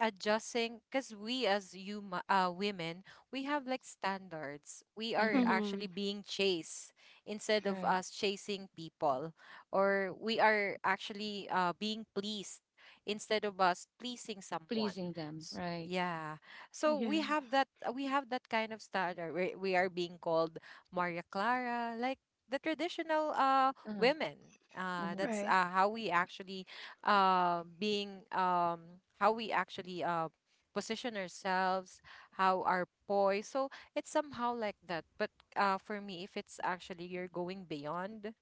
C: adjusting, because we, as you, women, we have like standards. We are
B: Mm-hmm.
A: Mm-hmm.
C: actually being chased instead of
B: Right.
C: us chasing people, or we are actually being pleased instead of us pleasing someone.
B: Pleasing them. Right.
C: Yeah, so we
A: Yeah.
C: have that, we have that kind of standard. We are being called Maria Clara, like the traditional
B: Uh-huh.
C: women.
B: Mm-hmm.
C: That's,
A: Right.
C: how we actually, being, how we actually, position ourselves, how our poise. So it's somehow like that. But, for me, if it's actually you're going beyond,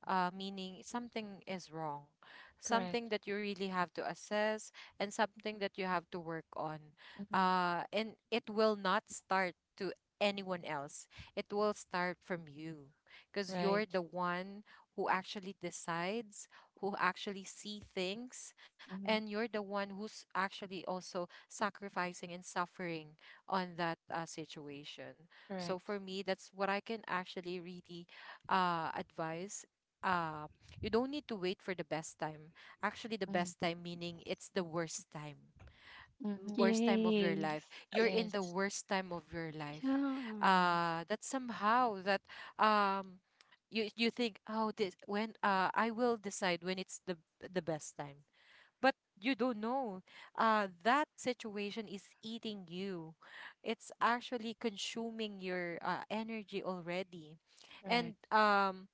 C: meaning something is wrong, something
B: Correct.
C: that you really have to assess, and something that you have to work on.
B: Mm-hmm.
C: And it will not start to anyone else. It will start from you, because
B: Right.
C: you're the one who actually decides, who actually see things, and
B: Mm-hmm.
C: you're the one who's actually also sacrificing and suffering on that situation. So
B: Correct.
C: for me, that's what I can actually really advise. uh, you don't need to wait for the best time. Actually, the
B: Mm-hmm.
C: best time meaning it's the worst time,
B: Mm-hmm.
C: worst time of your life.
A: Yes.
C: You're in the
B: Yes.
C: worst time of your life,
A: Yeah.
C: that somehow that, um you think, oh, this when, I will decide when it's the best time. But you don't know, that situation is eating you, it's actually consuming your energy already,
B: Correct.
C: and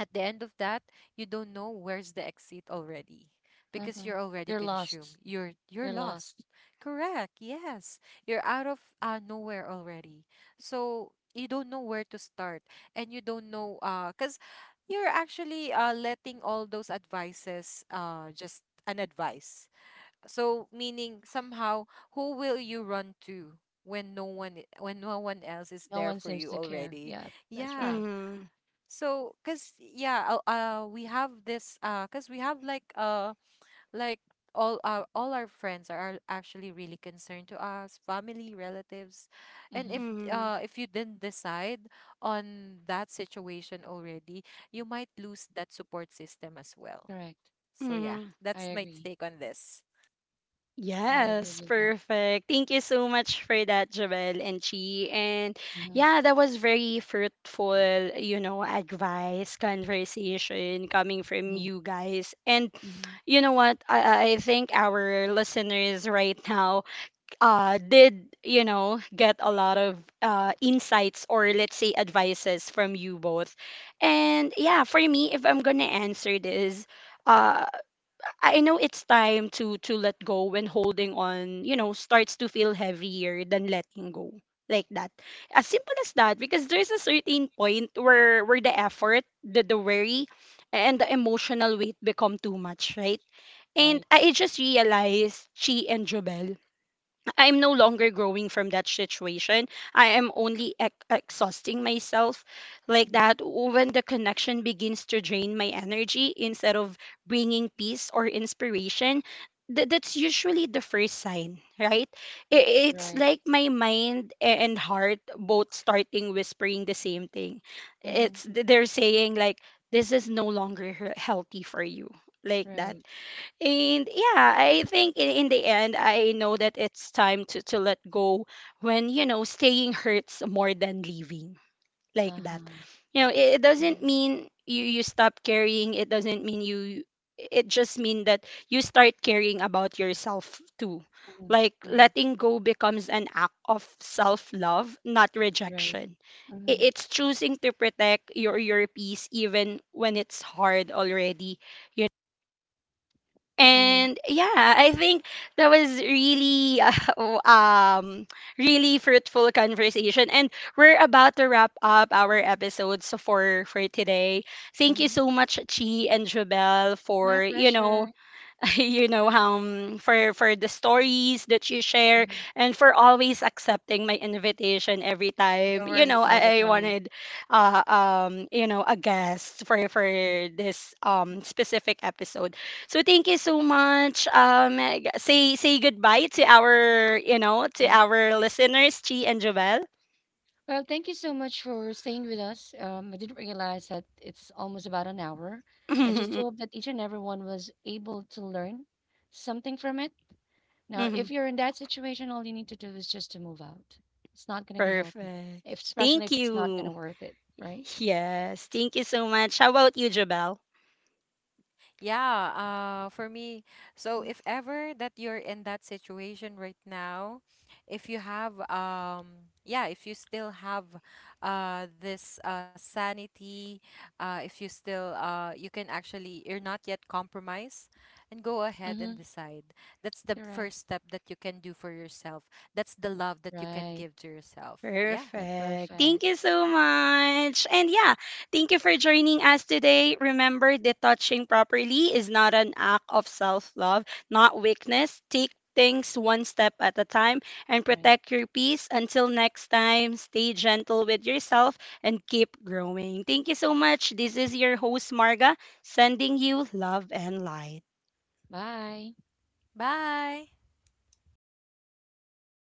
C: at the end of that, you don't know where's the exit already, because
B: Uh-huh.
C: you're already
B: You're lost.
C: consumed, you're
B: You're
C: lost.
B: lost.
C: Correct, yes, you're out of nowhere already. So you don't know where to start, and you don't know, because you're actually letting all those advices, just an advice. So meaning somehow, who will you run to when no one else is
B: No
C: there
B: one
C: for
B: seems
C: you
B: to care.
C: already.
B: Yeah, that's
C: Yeah,
B: right.
A: Mm-hmm.
C: so, cause yeah, we have this, cause we have like, like all our friends are actually really concerned to us, family, relatives, and
B: Mm-hmm.
C: if
A: Mm-hmm.
C: uh if you didn't decide on that situation already, you might lose that support system as well.
B: Correct.
C: So yeah,
B: I
C: that's my
B: agree.
C: take on this.
B: I agree
A: Yes,
B: with that.
A: perfect. Thank you so much for that, Joel and Chi. And
B: Mhm.
A: yeah, that was very fruitful, you know, advice, conversation coming from
B: Mhm.
A: you guys. And
B: Mhm.
A: you know what? I think our listeners right now did, you know, get a lot of insights, or let's say advices from you both. And yeah, for me, if I'm gonna answer this, uh, I know it's time to let go when holding on, you know, starts to feel heavier than letting go. Like that. As simple as that, because there's a certain point where the effort, the worry, and the emotional weight become too much, right? And
B: Right.
A: I just realized Chi and Jobel I'm no longer growing from that situation. I am only exhausting myself like
B: Mhm.
A: that, when the connection begins to drain my energy instead of bringing peace or inspiration. That's usually the first sign, right? It's
B: Right.
A: like my mind and heart both starting whispering the same thing.
B: Mhm.
A: It's they're saying like this is no longer healthy for you, like that.
B: Right.
A: And yeah, I think in the end, I know that it's time to let go when, you know, staying hurts more than leaving like that.
B: Uh-huh.
A: You know, it doesn't
B: Mhm.
A: mean you, you stop caring. It doesn't mean you, it just mean that you start caring about yourself too.
B: Mhm.
A: Like
B: Mhm.
A: letting go becomes an act of self-love, not
B: Right.
A: rejection.
B: Mhm.
A: It's choosing to protect your peace even when it's hard already.
B: Mhm.
A: And yeah, I think that was really um really fruitful conversation. And we're about to wrap up our episodes for today. Thank you
B: Mhm.
A: so much, Chi and Jubel,
B: My
A: for you know
B: pleasure.
A: you know for the stories that you share,
B: Mhm.
A: and for always accepting my invitation every
B: No
A: time you know
B: worries all the
A: I
B: time.
A: wanted you know a guest for this specific episode. So thank you so much, say say goodbye to our you know to
B: Uh-huh.
A: our listeners, Chi and Jovel.
B: Well, thank you so much for staying with us. I didn't realize that it's almost about an hour. I just do hope that each and everyone was able to learn something from it. Now, if
A: Mhm.
B: you're in that situation, all you need to do is just to move out. It's not going to be healthy,
A: Perfect,
B: if, especially
A: thank
B: if it's not going
A: you.
B: to worth it, right?
A: Yes, thank you so much. How about you, Jovel?
C: Yeah, for me, so if ever that you're in that situation right now, if you have yeah, if you still have this sanity, if you still, you can actually, you're not yet compromised, and go ahead
B: Mm-hmm.
C: and decide. That's the
B: Correct.
C: first step that you can do for yourself. That's the love that you can
B: Right.
C: give to yourself. Yeah.
A: Perfect. Thank
B: Perfect.
A: you so much. And yeah, thank you for joining us today. Remember that touching properly is not an act of self love, not weakness. Take things one step at a time and
B: Right.
A: protect your peace. Until next time, stay gentle with yourself and keep growing. Thank you so much. This is your host, Marga, sending you love and light.
B: Bye.
C: Bye.